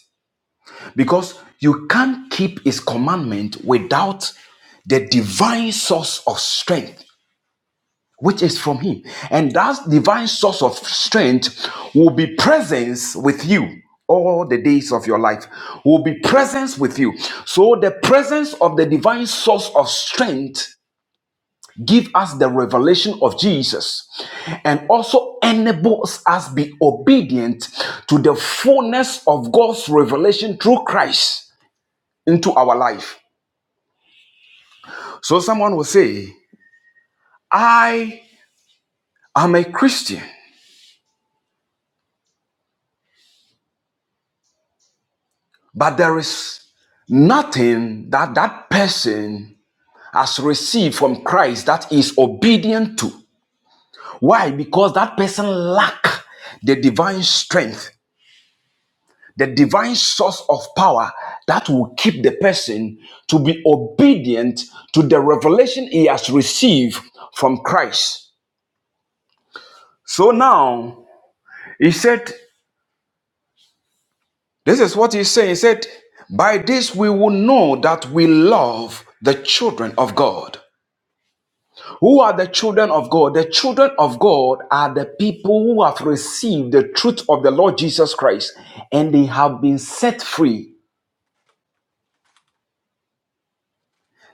[SPEAKER 7] Because you can't keep his commandment without the divine source of strength, which is from him. And that divine source of strength will be presence with you all the days of your life will be presence with you so the presence of the divine source of strength give us the revelation of Jesus and also enables us be obedient to the fullness of God's revelation through Christ into our life. So someone will say, I am a Christian, but there is nothing that that person has received from Christ that is obedient to. Why? Because that person lacks the divine strength the divine source of power that will keep the person to be obedient to the revelation he has received from Christ. So now, he said, This is what he's saying." He said, By this we will know that we love the children of God. Who are the children of God? The children of God are the people who have received the truth of the Lord Jesus Christ and they have been set free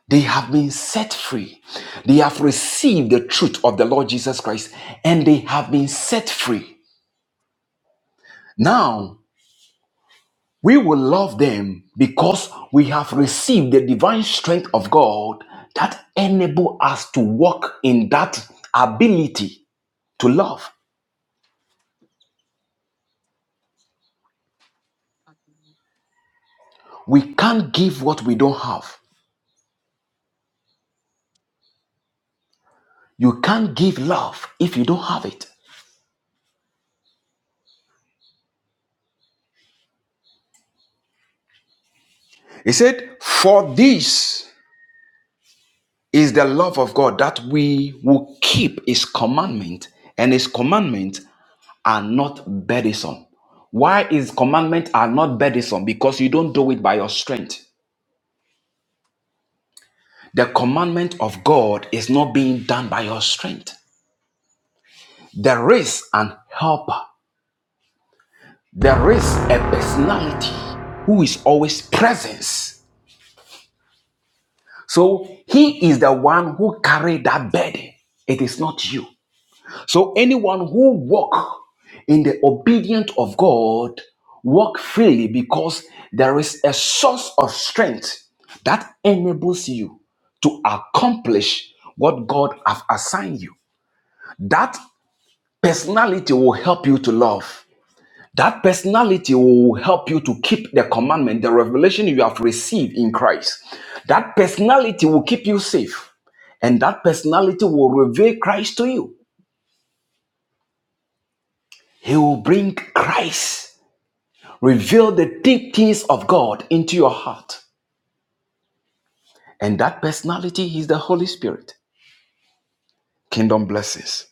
[SPEAKER 7] They have been set free. They have received the truth of the Lord Jesus Christ and they have been set free. Now, we will love them because we have received the divine strength of God that enable us to walk in that ability to love. We can't give what we don't have. You can't give love if you don't have it. He said, For this. is the love of God that we will keep His commandment, and His commandment are not burdensome. Why His commandment are not burdensome? Because you don't do it by your strength. The commandment of God is not being done by your strength. There is an helper. There is a personality who is always present. So He is the one who carry that burden. It is not you. So anyone who walk in the obedience of God walk freely because there is a source of strength that enables you to accomplish what God have assigned you. That personality will help you to love. That personality will help you to keep the commandment, the revelation you have received in Christ. That personality will keep you safe and that personality will reveal Christ to you. He will bring Christ. Reveal the deep things of God into your heart. And that personality is the Holy Spirit. Kingdom blessings.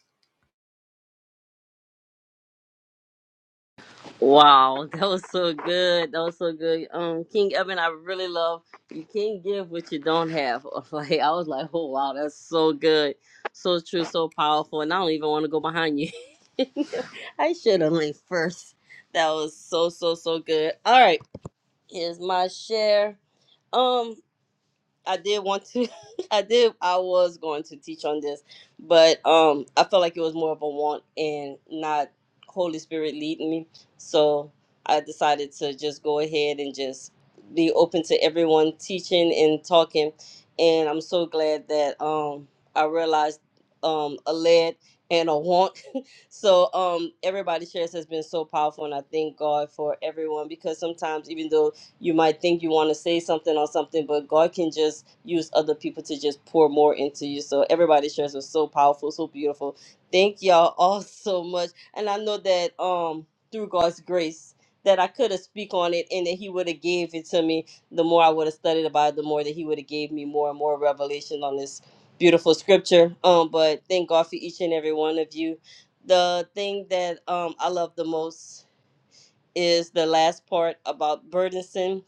[SPEAKER 1] Wow, that was so good. That was so good. Um, King Evan, I really love you can't give what you don't have. Like I was like, oh wow, that's so good. So true, so powerful. And I don't even want to go behind you. I should have went first. That was so so so good. All right, here's my share. Um, I did want to I did I was going to teach on this, but um I felt like it was more of a want and not Holy Spirit leading me. So I decided to just go ahead and just be open to everyone teaching and talking. And I'm so glad that um I realized um a lead and a want. so um everybody shares has been so powerful and I thank God for everyone because sometimes even though you might think you want to say something or something, but God can just use other people to just pour more into you. So everybody's shares was so powerful, so beautiful. Thank y'all all so much. And I know that um through God's grace that I could have speak on it and that he would have gave it to me. The more I would have studied about it, the more that he would have gave me more and more revelation on this beautiful scripture. Um but thank God for each and every one of you. The thing that um I love the most is the last part about burdensome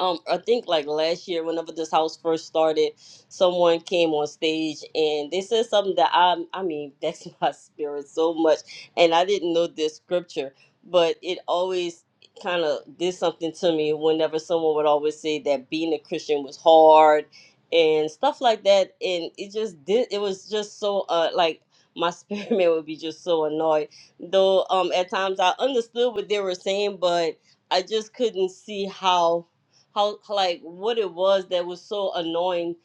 [SPEAKER 1] um I think like last year whenever this house first started, someone came on stage and they said something that I I mean that's my spirit so much and I didn't know this scripture, but it always kind of did something to me whenever someone would always say that being a Christian was hard and stuff like that and it just did it was just so uh like my spirit man would be just so annoyed though um at times I understood what they were saying but I just couldn't see how how like what it was that was so annoying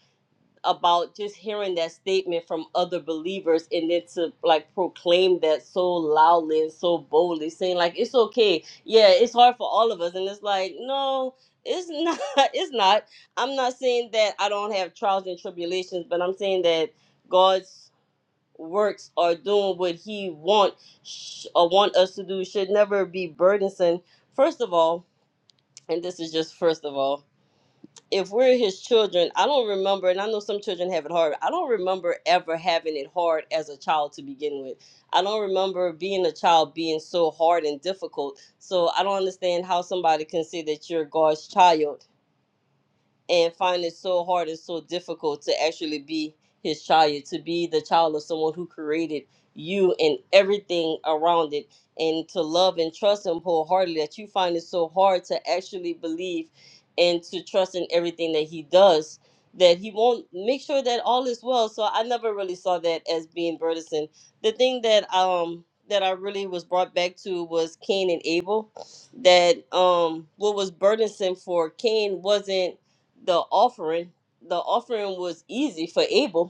[SPEAKER 1] about just hearing that statement from other believers and then to like proclaim that so loudly and so boldly saying like it's okay yeah it's hard for all of us and it's like no it's not it's not i'm not saying that i don't have trials and tribulations but i'm saying that god's works are doing what he want sh- or want us to do should never be burdensome first of all and this is just first of all if we're his children, I don't remember, and I know some children have it hard. I don't remember ever having it hard as a child to begin with. I don't remember being a child being so hard and difficult. So I don't understand how somebody can say that you're God's child and find it so hard and so difficult to actually be his child, to be the child of someone who created you and everything around it, and to love and trust him wholeheartedly that you find it so hard to actually believe and to trust in everything that he does. That he won't make sure that all is well. So I never really saw that as being burdensome. The thing that um that I really was brought back to was Cain and Abel. That um what was burdensome for Cain wasn't the offering the offering was easy for abel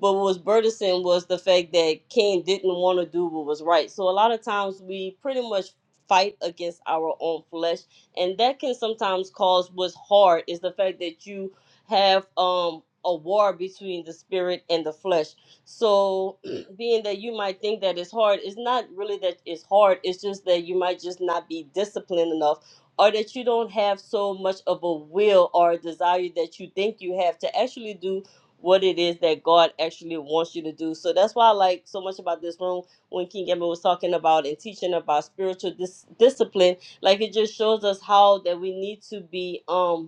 [SPEAKER 1] but what was burdensome was the fact that Cain didn't want to do what was right. So a lot of times we pretty much fight against our own flesh, and that can sometimes cause what's hard is the fact that you have um a war between the spirit and the flesh. So being that you might think that it's hard, it's not really that it's hard. It's just that you might just not be disciplined enough or that you don't have so much of a will or a desire that you think you have to actually do what it is that God actually wants you to do. So that's why I like so much about this room when King Evan was talking about and teaching about spiritual dis- discipline. Like it just shows us how that we need to be. Um,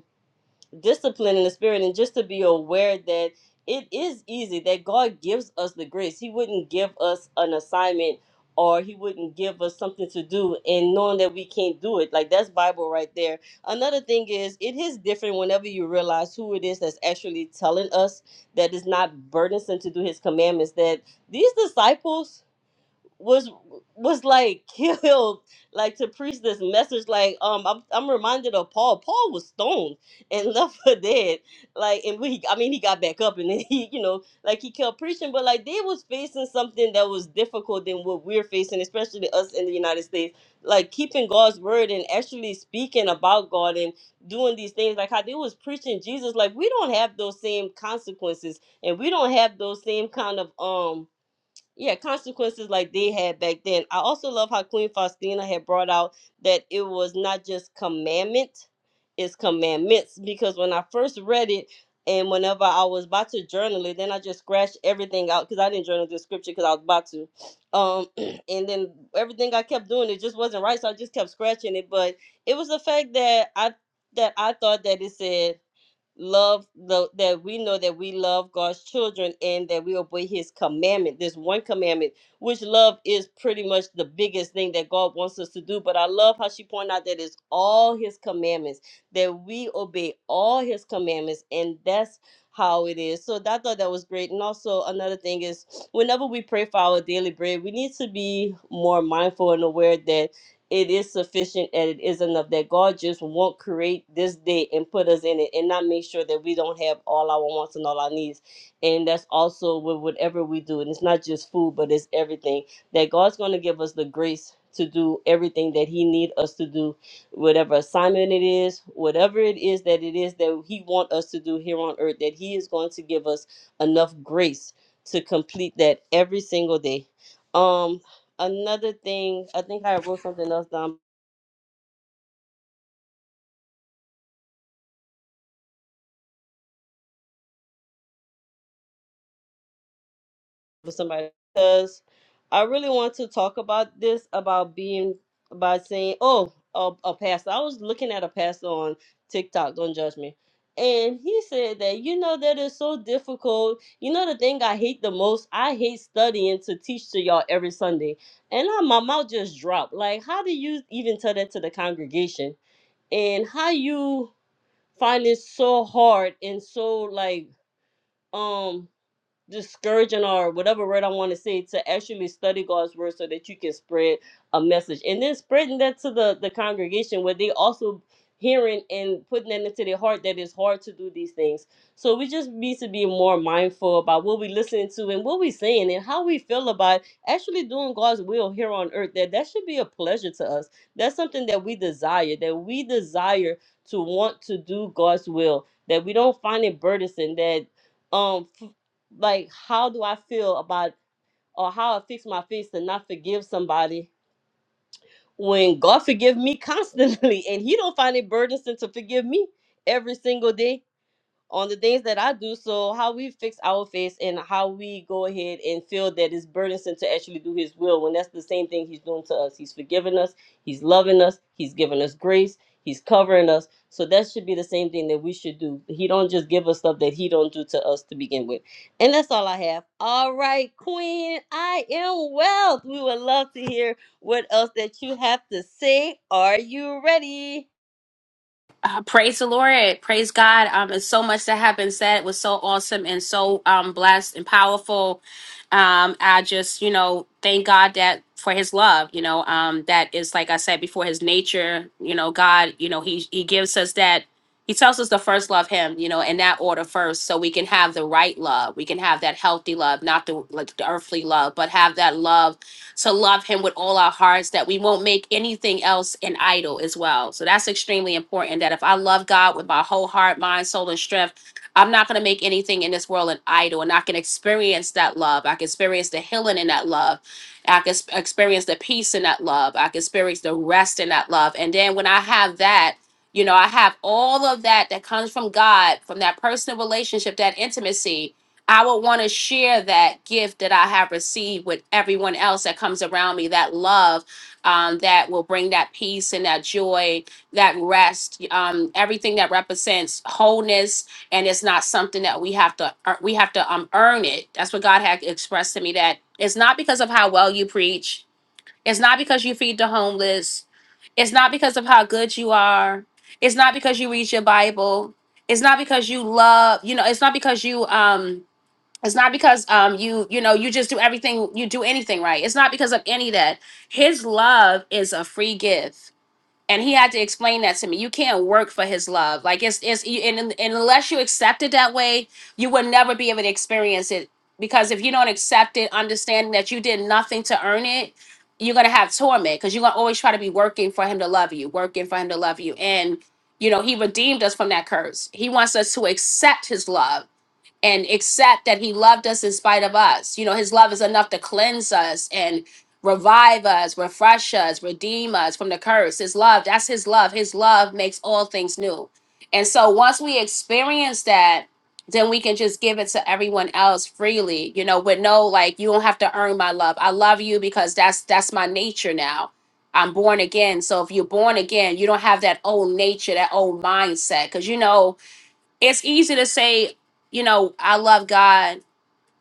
[SPEAKER 1] discipline in the spirit and just to be aware that it is easy that God gives us the grace. He wouldn't give us an assignment or he wouldn't give us something to do and knowing that we can't do it. Like that's Bible right there. Another thing is it is different whenever you realize who it is that's actually telling us that it's not burdensome to do his commandments that these disciples was was like killed like to preach this message like um I'm, I'm reminded of Paul Paul was stoned and left for dead like and we I mean he got back up and then he you know like he kept preaching but like they was facing something that was difficult than what we're facing especially us in the United States like keeping God's word and actually speaking about God and doing these things like how they was preaching Jesus like we don't have those same consequences and we don't have those same kind of um yeah, consequences like they had back then. I also love how Queen Faustina had brought out that it was not just commandment, it's commandments. Because when I first read it, and whenever I was about to journal it, then I just scratched everything out because I didn't journal the scripture because I was about to. Um, and then everything I kept doing, it just wasn't right, so I just kept scratching it. But it was the fact that I that I thought that it said love the, that we know that we love God's children and that we obey his commandment. This one commandment, which love is pretty much the biggest thing that God wants us to do. But I love how she pointed out that it's all his commandments, that we obey all his commandments, and that's how it is. So that- I thought that was great. And also another thing is whenever we pray for our daily bread, we need to be more mindful and aware that it is sufficient and it is enough that God just won't create this day and put us in it and not make sure that we don't have all our wants and all our needs. And that's also with whatever we do. And it's not just food, but it's everything. That God's going to give us the grace to do everything that He need us to do, whatever assignment it is, whatever it is that it is that He want us to do here on earth, that He is going to give us enough grace to complete that every single day. Um, another thing, I think I wrote something else down for somebody because I really want to talk about this about being by saying, "Oh, a, a pastor." I was looking at a pastor on TikTok. Don't judge me. And he said that you know that is so difficult. You know the thing I hate the most. I hate studying to teach to y'all every Sunday, and I, my mouth just dropped. Like, how do you even tell that to the congregation? And how you find it so hard and so like um discouraging or whatever word I want to say to actually study God's word so that you can spread a message and then spreading that to the the congregation where they also hearing and putting that into their heart that it's hard to do these things. So we just need to be more mindful about what we listening to and what we saying and how we feel about actually doing God's will here on earth that that should be a pleasure to us. That's something that we desire that we desire to want to do God's will that we don't find it burdensome that um like how do I feel about or how I fix my face to not forgive somebody when God forgive me constantly and he don't find it burdensome to forgive me every single day on the things that I do. So how we fix our face and how we go ahead and feel that it's burdensome to actually do his will when that's the same thing he's doing to us. He's forgiving us, he's loving us, he's giving us grace, he's covering us. So that should be the same thing that we should do. He don't just give us stuff that he don't do to us to begin with. And that's all I have. All right, Queen, I am wealth. We would love to hear what else that you have to say. Are you ready?
[SPEAKER 4] Uh, praise the Lord. Praise God. Um, it's so much that has been said. It was so awesome and so um blessed and powerful. Um, I just, you know, thank God that for his love, you know, um, that is like I said before his nature, you know, God, you know, he he gives us that he tells us to first love him, you know, in that order first, so we can have the right love. We can have that healthy love, not the like the earthly love, but have that love to love him with all our hearts, that we won't make anything else an idol as well. So that's extremely important that if I love God with my whole heart, mind, soul, and strength, I'm not going to make anything in this world an idol. And I can experience that love. I can experience the healing in that love. I can s- experience the peace in that love. I can experience the rest in that love. And then when I have that, you know, I have all of that that comes from God, from that personal relationship, that intimacy I would want to share that gift that I have received with everyone else that comes around me, that love um, that will bring that peace and that joy, that rest, um, everything that represents wholeness. And it's not something that we have to, ear- we have to um, earn it. That's what God had expressed to me that it's not because of how well you preach. It's not because you feed the homeless. It's not because of how good you are. It's not because you read your Bible. It's not because you love, you know, it's not because you, um, it's not because um you you know you just do everything you do anything right. It's not because of any of that. His love is a free gift. And he had to explain that to me. You can't work for his love. Like it's it's you- and, and unless you accept it that way, you will never be able to experience it because if you don't accept it, understanding that you did nothing to earn it, you're going to have torment because you're going to always try to be working for him to love you, working for him to love you. And you know, he redeemed us from that curse. He wants us to accept his love and accept that he loved us in spite of us. You know, his love is enough to cleanse us and revive us, refresh us, redeem us from the curse. His love, that's his love. His love makes all things new. And so once we experience that, then we can just give it to everyone else freely, you know, with no like you don't have to earn my love. I love you because that's that's my nature now. I'm born again. So if you're born again, you don't have that old nature, that old mindset. Cause you know, it's easy to say, you know, I love God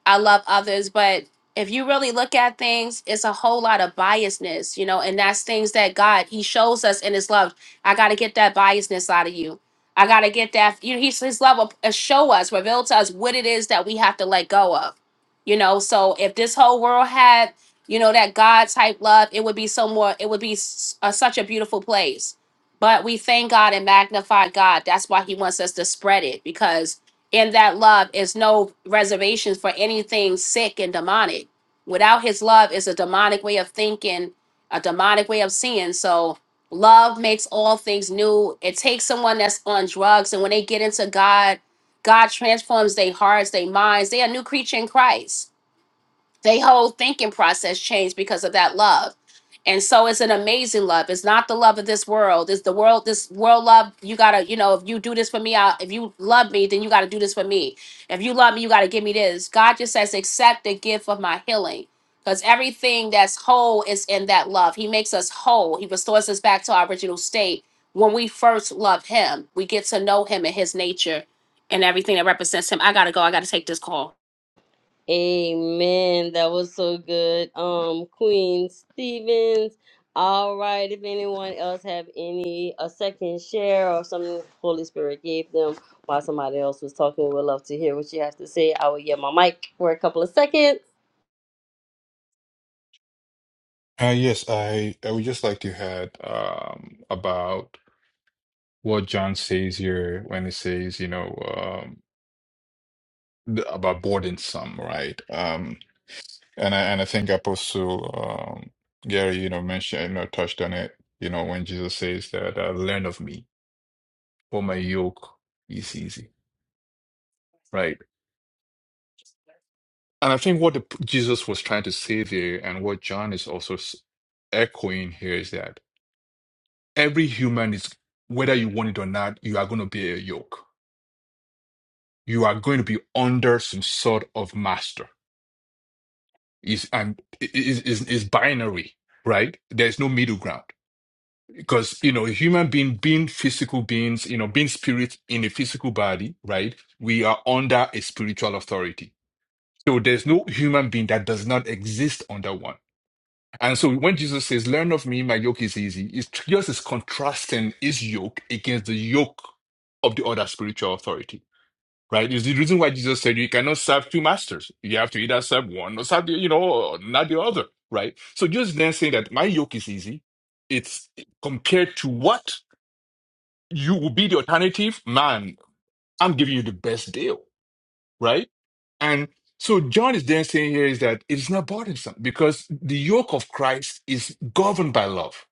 [SPEAKER 4] I love others, but if you really look at things, it's a whole lot of biasness, you know, and that's things that God He shows us in His love. I got to get that biasness out of you. I got to get that. You know, He's His love will uh, show us, reveal to us what it is that we have to let go of, you know. So if this whole world had, you know, that God type love, it would be so more. It would be s- uh, such a beautiful place. But we thank God and magnify God. That's why He wants us to spread it because in that love is no reservations for anything sick and demonic. Without his love is a demonic way of thinking, a demonic way of seeing. So love makes all things new. It takes someone that's on drugs and when they get into God, God transforms their hearts, their minds. They are a new creature in Christ. They whole thinking process changed because of that love. And so it's an amazing love. It's not the love of this world. It's the world, this world love. You gotta, you know, if you do this for me, I, if you love me, then you gotta do this for me. If you love me, you gotta give me this. God just says, accept the gift of my healing. Because everything that's whole is in that love. He makes us whole. He restores us back to our original state. When we first love him, we get to know him and his nature and everything that represents him. I gotta go. I gotta take this call.
[SPEAKER 1] Amen. That was so good. Um, Queen Stevens. All right. If anyone else have any a second share or something Holy Spirit gave them while somebody else was talking, we'd love to hear what you have to say. I will get my mic for a couple of seconds.
[SPEAKER 5] Uh, yes, I, I would just like to add um, about what John says here when he says, you know, um, th- about burdensome, right? Um, and I and I think Apostle um, Gary, you know, mentioned, you know, touched on it, you know, when Jesus says that, uh, "Learn of me, for my yoke is easy," right? And I think what the, Jesus was trying to say there, and what John is also s- echoing here, is that every human is, whether you want it or not, you are going to be a yoke you are going to be under some sort of master. Is and is is is binary, right? There's no middle ground because you know human being being physical beings, you know, being spirit in a physical body, right? We are under a spiritual authority. So there's no human being that does not exist under one. And so when Jesus says, "Learn of me, my yoke is easy," it's just is contrasting his yoke against the yoke of the other spiritual authority Right? it's the reason why Jesus said you cannot serve two masters. You have to either serve one or serve the, you know, or not the other. Right? So just then saying that my yoke is easy, it's compared to what you will be the alternative, man, I'm giving you the best deal. Right? And so John is then saying here is that it's not burdensome because the yoke of Christ is governed by love.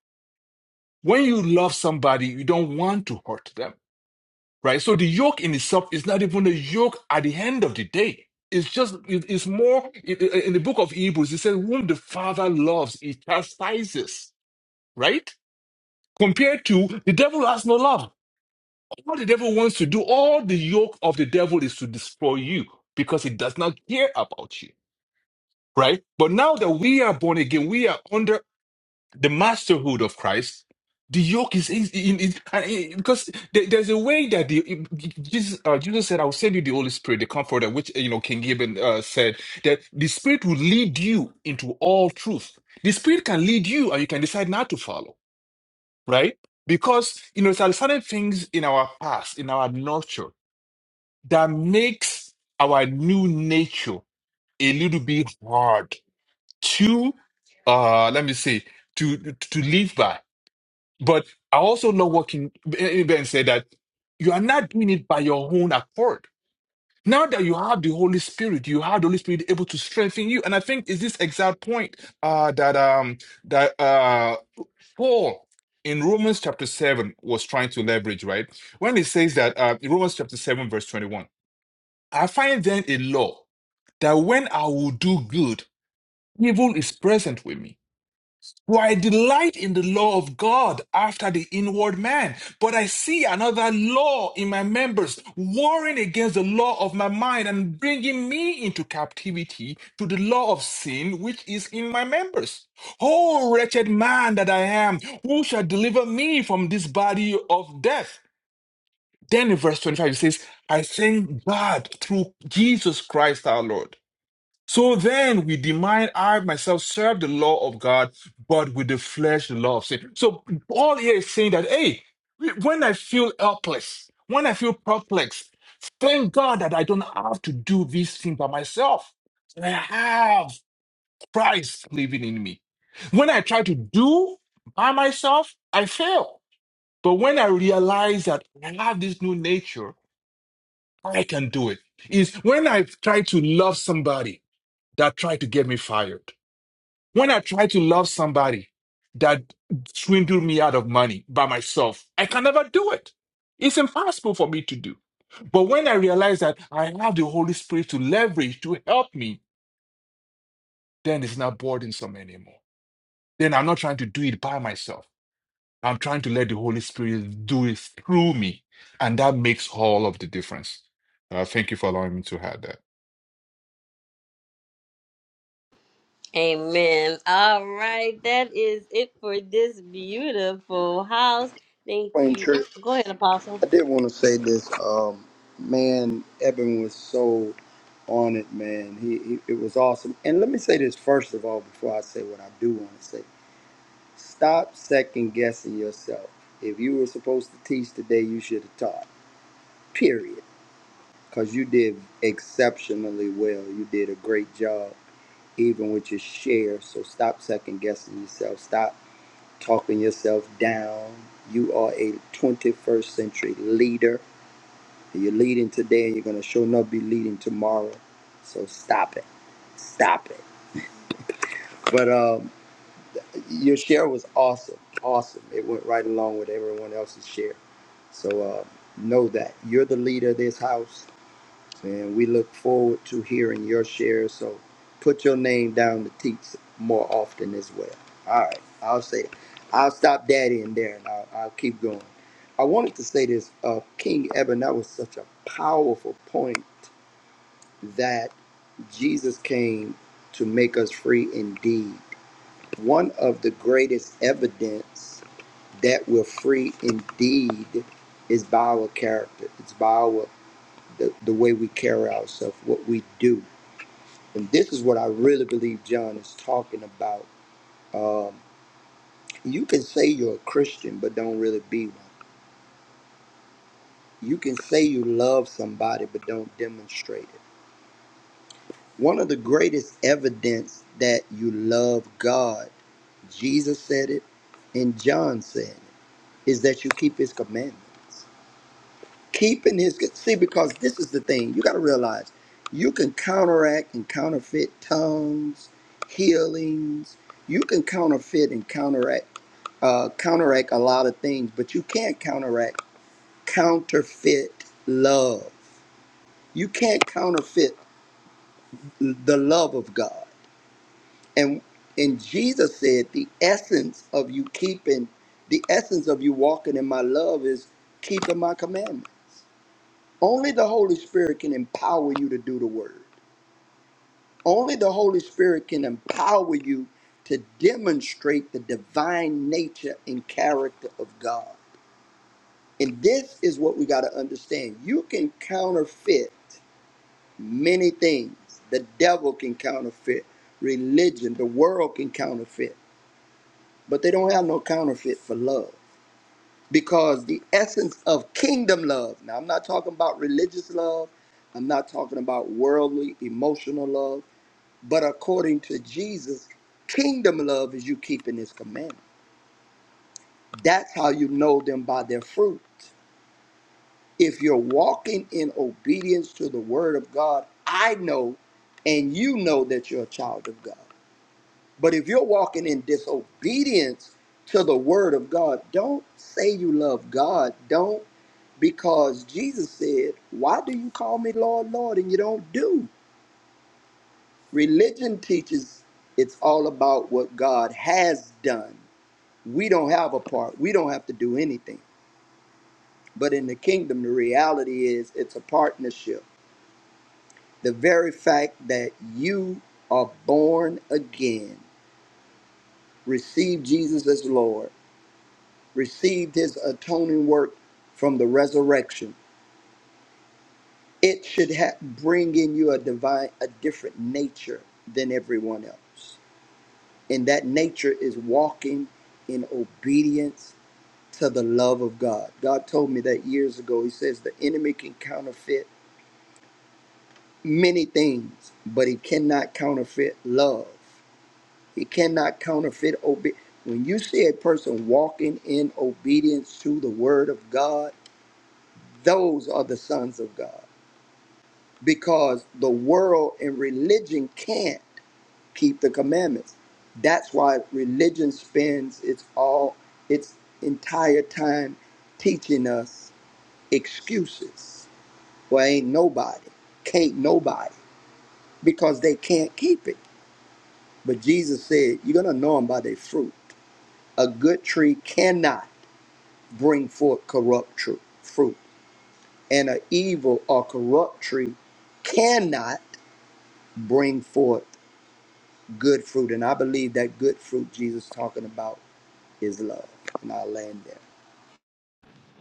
[SPEAKER 5] When you love somebody, you don't want to hurt them right? So the yoke in itself is not even a yoke at the end of the day. It's just, it- it's more, in in the book of Hebrews, it says, whom the Father loves, he chastises, right? Compared to the devil has no love. All the devil wants to do, all the yoke of the devil is to destroy you because he does not care about you, right? But now that we are born again, we are under the masterhood of Christ, the yoke is easy in, in, and it- because there- there's a way that the Jesus, uh, Jesus said, "I will send you the Holy Spirit, the Comforter," which you know King Gibbon uh, said that the Spirit will lead you into all truth. The Spirit can lead you, and you can decide not to follow, right? Because you know there are certain things in our past, in our nurture, that makes our new nature a little bit hard to, uh, let me say, to to to live by but I also know what King Ben said that you are not doing it by your own accord. Now that you have the Holy Spirit, you have the Holy Spirit able to strengthen you. And I think it's this exact point uh, that um that uh Paul in Romans chapter seven was trying to leverage, right? When he says that uh, in Romans chapter seven verse twenty one, I find then a law that when I will do good, evil is present with me. For I delight in the law of God after the inward man, but I see another law in my members, warring against the law of my mind and bringing me into captivity to the law of sin which is in my members. O wretched man that I am, who shall deliver me from this body of death? Then in verse 25, it says, I thank God through Jesus Christ our Lord. So then we demand I myself serve the law of God, but with the flesh, the law of sin. So Paul here is saying that, hey, when I feel helpless, when I feel perplexed, thank God that I don't have to do this thing by myself. I have Christ living in me. When I try to do by myself, I fail. But when I realize that I have this new nature, I can do it. Is when I try to love somebody that tried to get me fired. When I try to love somebody that swindled me out of money by myself, I can never do it. It's impossible for me to do. But when I realize that I have the Holy Spirit to leverage to help me, then it's not burdensome anymore. Then I'm not trying to do it by myself. I'm trying to let the Holy Spirit do it through me. And that makes all of the difference. Uh, thank you for allowing me to add that.
[SPEAKER 1] Amen. All right. That is it for this beautiful house. Thank
[SPEAKER 2] Plain
[SPEAKER 1] you.
[SPEAKER 2] church,
[SPEAKER 1] Go ahead, Apostle.
[SPEAKER 2] I did want to say this. Um, man, Evan was so on it, man. He, he it was awesome. And let me say this first of all before I say what I do want to say. Stop second guessing yourself. If you were supposed to teach today, you should have taught. Period. because you did exceptionally well. You did a great job, even with your share. So stop second guessing yourself. Stop talking yourself down. You are a 21st century leader. You're leading today, and you're gonna sure enough be leading tomorrow. So stop it. Stop it. But um, your share was awesome. Awesome. It went right along with everyone else's share. So uh, know that you're the leader of this house And we look forward to hearing your share. So put your name down to teach more often as well. All right. I'll say that. I'll stop daddy in there and I'll, I'll keep going. I wanted to say this uh, King Eben, that was such a powerful point that Jesus came to make us free indeed. One of the greatest evidence that we're free indeed is by our character, it's by our, the, the way we carry ourselves, what we do and this is what I really believe John is talking about. Um, you can say you're a Christian, but don't really be one. You can say you love somebody, but don't demonstrate it. One of the greatest evidence that you love God, Jesus said it, and John said it, is that you keep his commandments. Keeping his, see, because this is the thing, you got to realize you can counteract and counterfeit tongues, healings, you can counterfeit and counteract uh, counteract a lot of things, but you can't counteract counterfeit love. You can't counterfeit the love of God. And and Jesus said the essence of you keeping, the essence of you walking in my love is keeping my commandment. Only the Holy Spirit can empower you to do the word. Only the Holy Spirit can empower you to demonstrate the divine nature and character of God. And this is what we got to understand. You can counterfeit many things. The devil can counterfeit religion, the world can counterfeit, but they don't have no counterfeit for love because the essence of kingdom love. Now, I'm not talking about religious love, I'm not talking about worldly, emotional love, but according to Jesus, kingdom love is you keeping his commandment. That's how you know them by their fruit. If you're walking in obedience to the word of God, I know and you know that you're a child of God. But if you're walking in disobedience to the word of God, don't say you love God. Don't because Jesus said, Why do you call me Lord, Lord, and you don't do? Religion teaches it's all about what God has done. We don't have a part, we don't have to do anything. But in the kingdom, the reality is it's a partnership. the very fact that you are born again, received Jesus as Lord, received his atoning work from the resurrection, it should ha- bring in you a divine, a different nature than everyone else. And that nature is walking in obedience to the love of God. God told me that years ago. He says the enemy can counterfeit many things, but he cannot counterfeit love. He cannot counterfeit obedience. When you see a person walking in obedience to the word of God, those are the sons of God. Because the world and religion can't keep the commandments. That's why religion spends its all its entire time teaching us excuses. Well, ain't nobody, can't nobody, because they can't keep it. But Jesus said, You're gonna know them by their fruit. A good tree cannot. bring forth corrupt tru- fruit. And an evil or corrupt tree cannot bring forth good fruit. And I believe that good fruit Jesus is talking about is love. And I'll land there.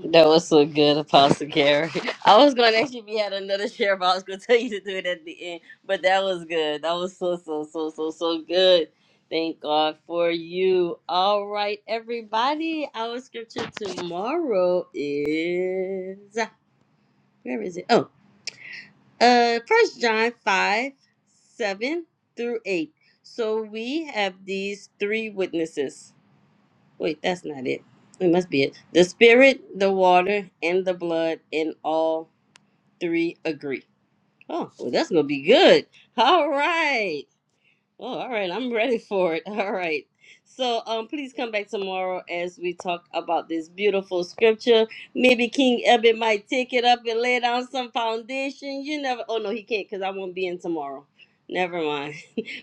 [SPEAKER 1] That was so good, Apostle Gary. I was going to actually be had another share, but I was going to tell you to do it at the end. But that was good. That was so, so, so, so, so good. Thank God for you. All right, everybody. Our scripture tomorrow is where is it? Oh, uh, First John five seven through eight. So we have these three witnesses. Wait, that's not it. It must be it. The spirit, the water, and the blood, and all three agree. Oh, well, that's gonna be good. All right. Oh, all right. I'm ready for it. All right. So, um, please come back tomorrow as we talk about this beautiful scripture. Maybe King Ebbet might take it up and lay down some foundation. You never. Oh no, he can't because I won't be in tomorrow. Never mind.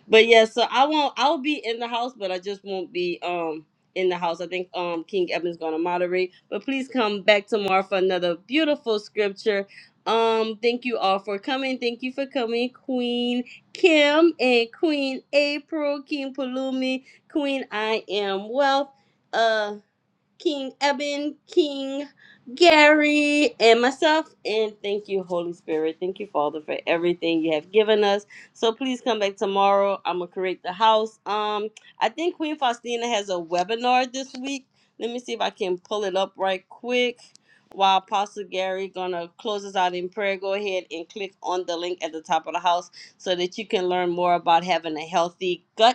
[SPEAKER 1] But yeah, so I won't. I'll be in the house, but I just won't be um in the house. I think um King Evan's gonna moderate. But please come back tomorrow for another beautiful scripture. Um, thank you all for coming. Thank you for coming, Queen Kim and Queen April, King Palumi, Queen I Am Wealth. Uh. King Eben, King Gary, and myself. And thank you, Holy Spirit. Thank you, Father, for everything you have given us. So please come back tomorrow. I'm gonna create the house. Um, I think Queen Faustina has a webinar this week. Let me see if I can pull it up right quick. While Apostle Gary gonna close us out in prayer, go ahead and click on the link at the top of the house so that you can learn more about having a healthy gut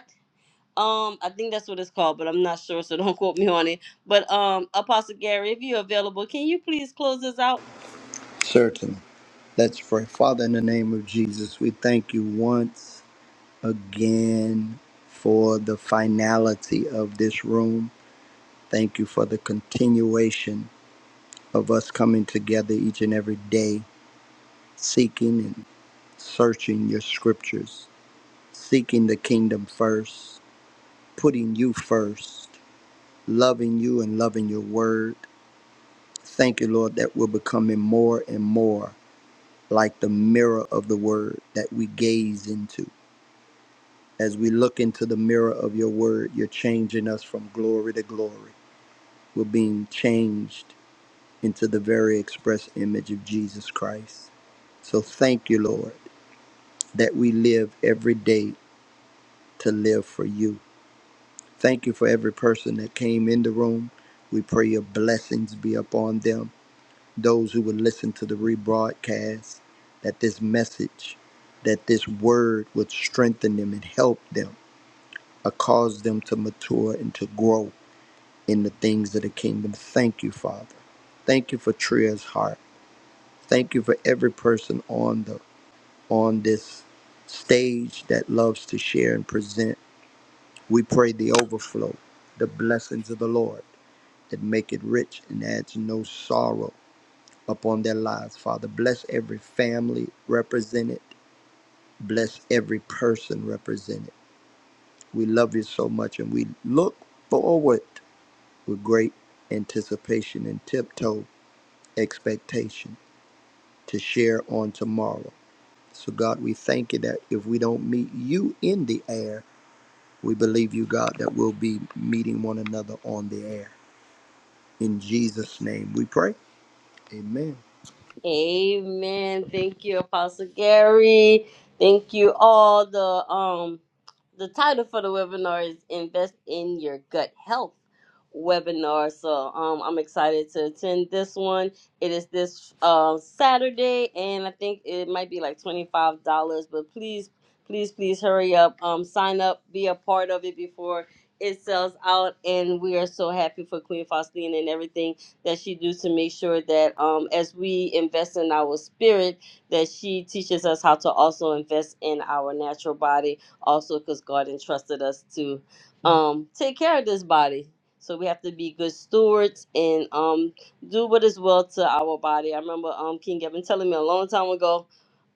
[SPEAKER 1] um, I think that's what it's called, but I'm not sure, so don't quote me on it. But um, Apostle Gary, if you're available, can you please close this out?
[SPEAKER 2] Certainly. Let's pray. Father, in the name of Jesus, we thank you once again for the finality of this room. Thank you for the continuation of us coming together each and every day, seeking and searching your scriptures. seeking the kingdom first, putting you first, loving you and loving your word. Thank you, Lord, that we're becoming more and more like the mirror of the word that we gaze into. As we look into the mirror of your word, you're changing us from glory to glory. We're being changed into the very express image of Jesus Christ. So thank you, Lord, that we live every day to live for you Thank you for every person that came in the room. We pray your blessings be upon them, those who will listen to the rebroadcast, that this message, that this word would strengthen them and help them, or cause them to mature and to grow in the things of the kingdom. Thank you, Father. Thank you for Tria's heart. Thank you for every person on the on this stage that loves to share and present. We pray the overflow, the blessings of the Lord that make it rich and adds no sorrow upon their lives. Father, bless every family represented, bless every person represented. We love you so much and we look forward with great anticipation and tiptoe expectation to share on tomorrow. So, God, we thank you that if we don't meet you in the air, we believe you, God, that we'll be meeting one another on the air. In Jesus' name we pray. Amen.
[SPEAKER 1] Amen. Thank you, Apostle Gary. Thank you all. The um the title for the webinar is Invest in Your Gut Health webinar. So um I'm excited to attend this one. It is this uh, Saturday and I think it might be like $25, but please please please hurry up. Um sign up, be a part of it before it sells out and we are so happy for Queen Faustina and everything that she do to make sure that um, as we invest in our spirit, that she teaches us how to also invest in our natural body, also because God entrusted us to um, take care of this body. So we have to be good stewards and um, do what is well to our body. I remember um, King Evan telling me a long time ago,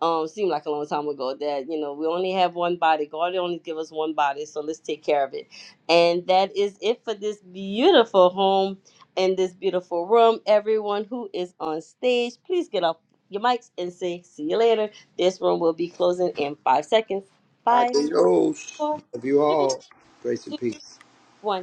[SPEAKER 1] um, seemed like a long time ago, that you know we only have one body. God only give us one body, so let's take care of it. And that is it for this beautiful home in this beautiful room. Everyone who is on stage, please get off your mics and say, see you later. This room will be closing in five seconds.
[SPEAKER 2] I
[SPEAKER 1] Five,
[SPEAKER 2] do those.
[SPEAKER 1] four,
[SPEAKER 2] Love you
[SPEAKER 1] three,
[SPEAKER 2] all. Grace and
[SPEAKER 1] two,
[SPEAKER 2] peace.
[SPEAKER 1] one.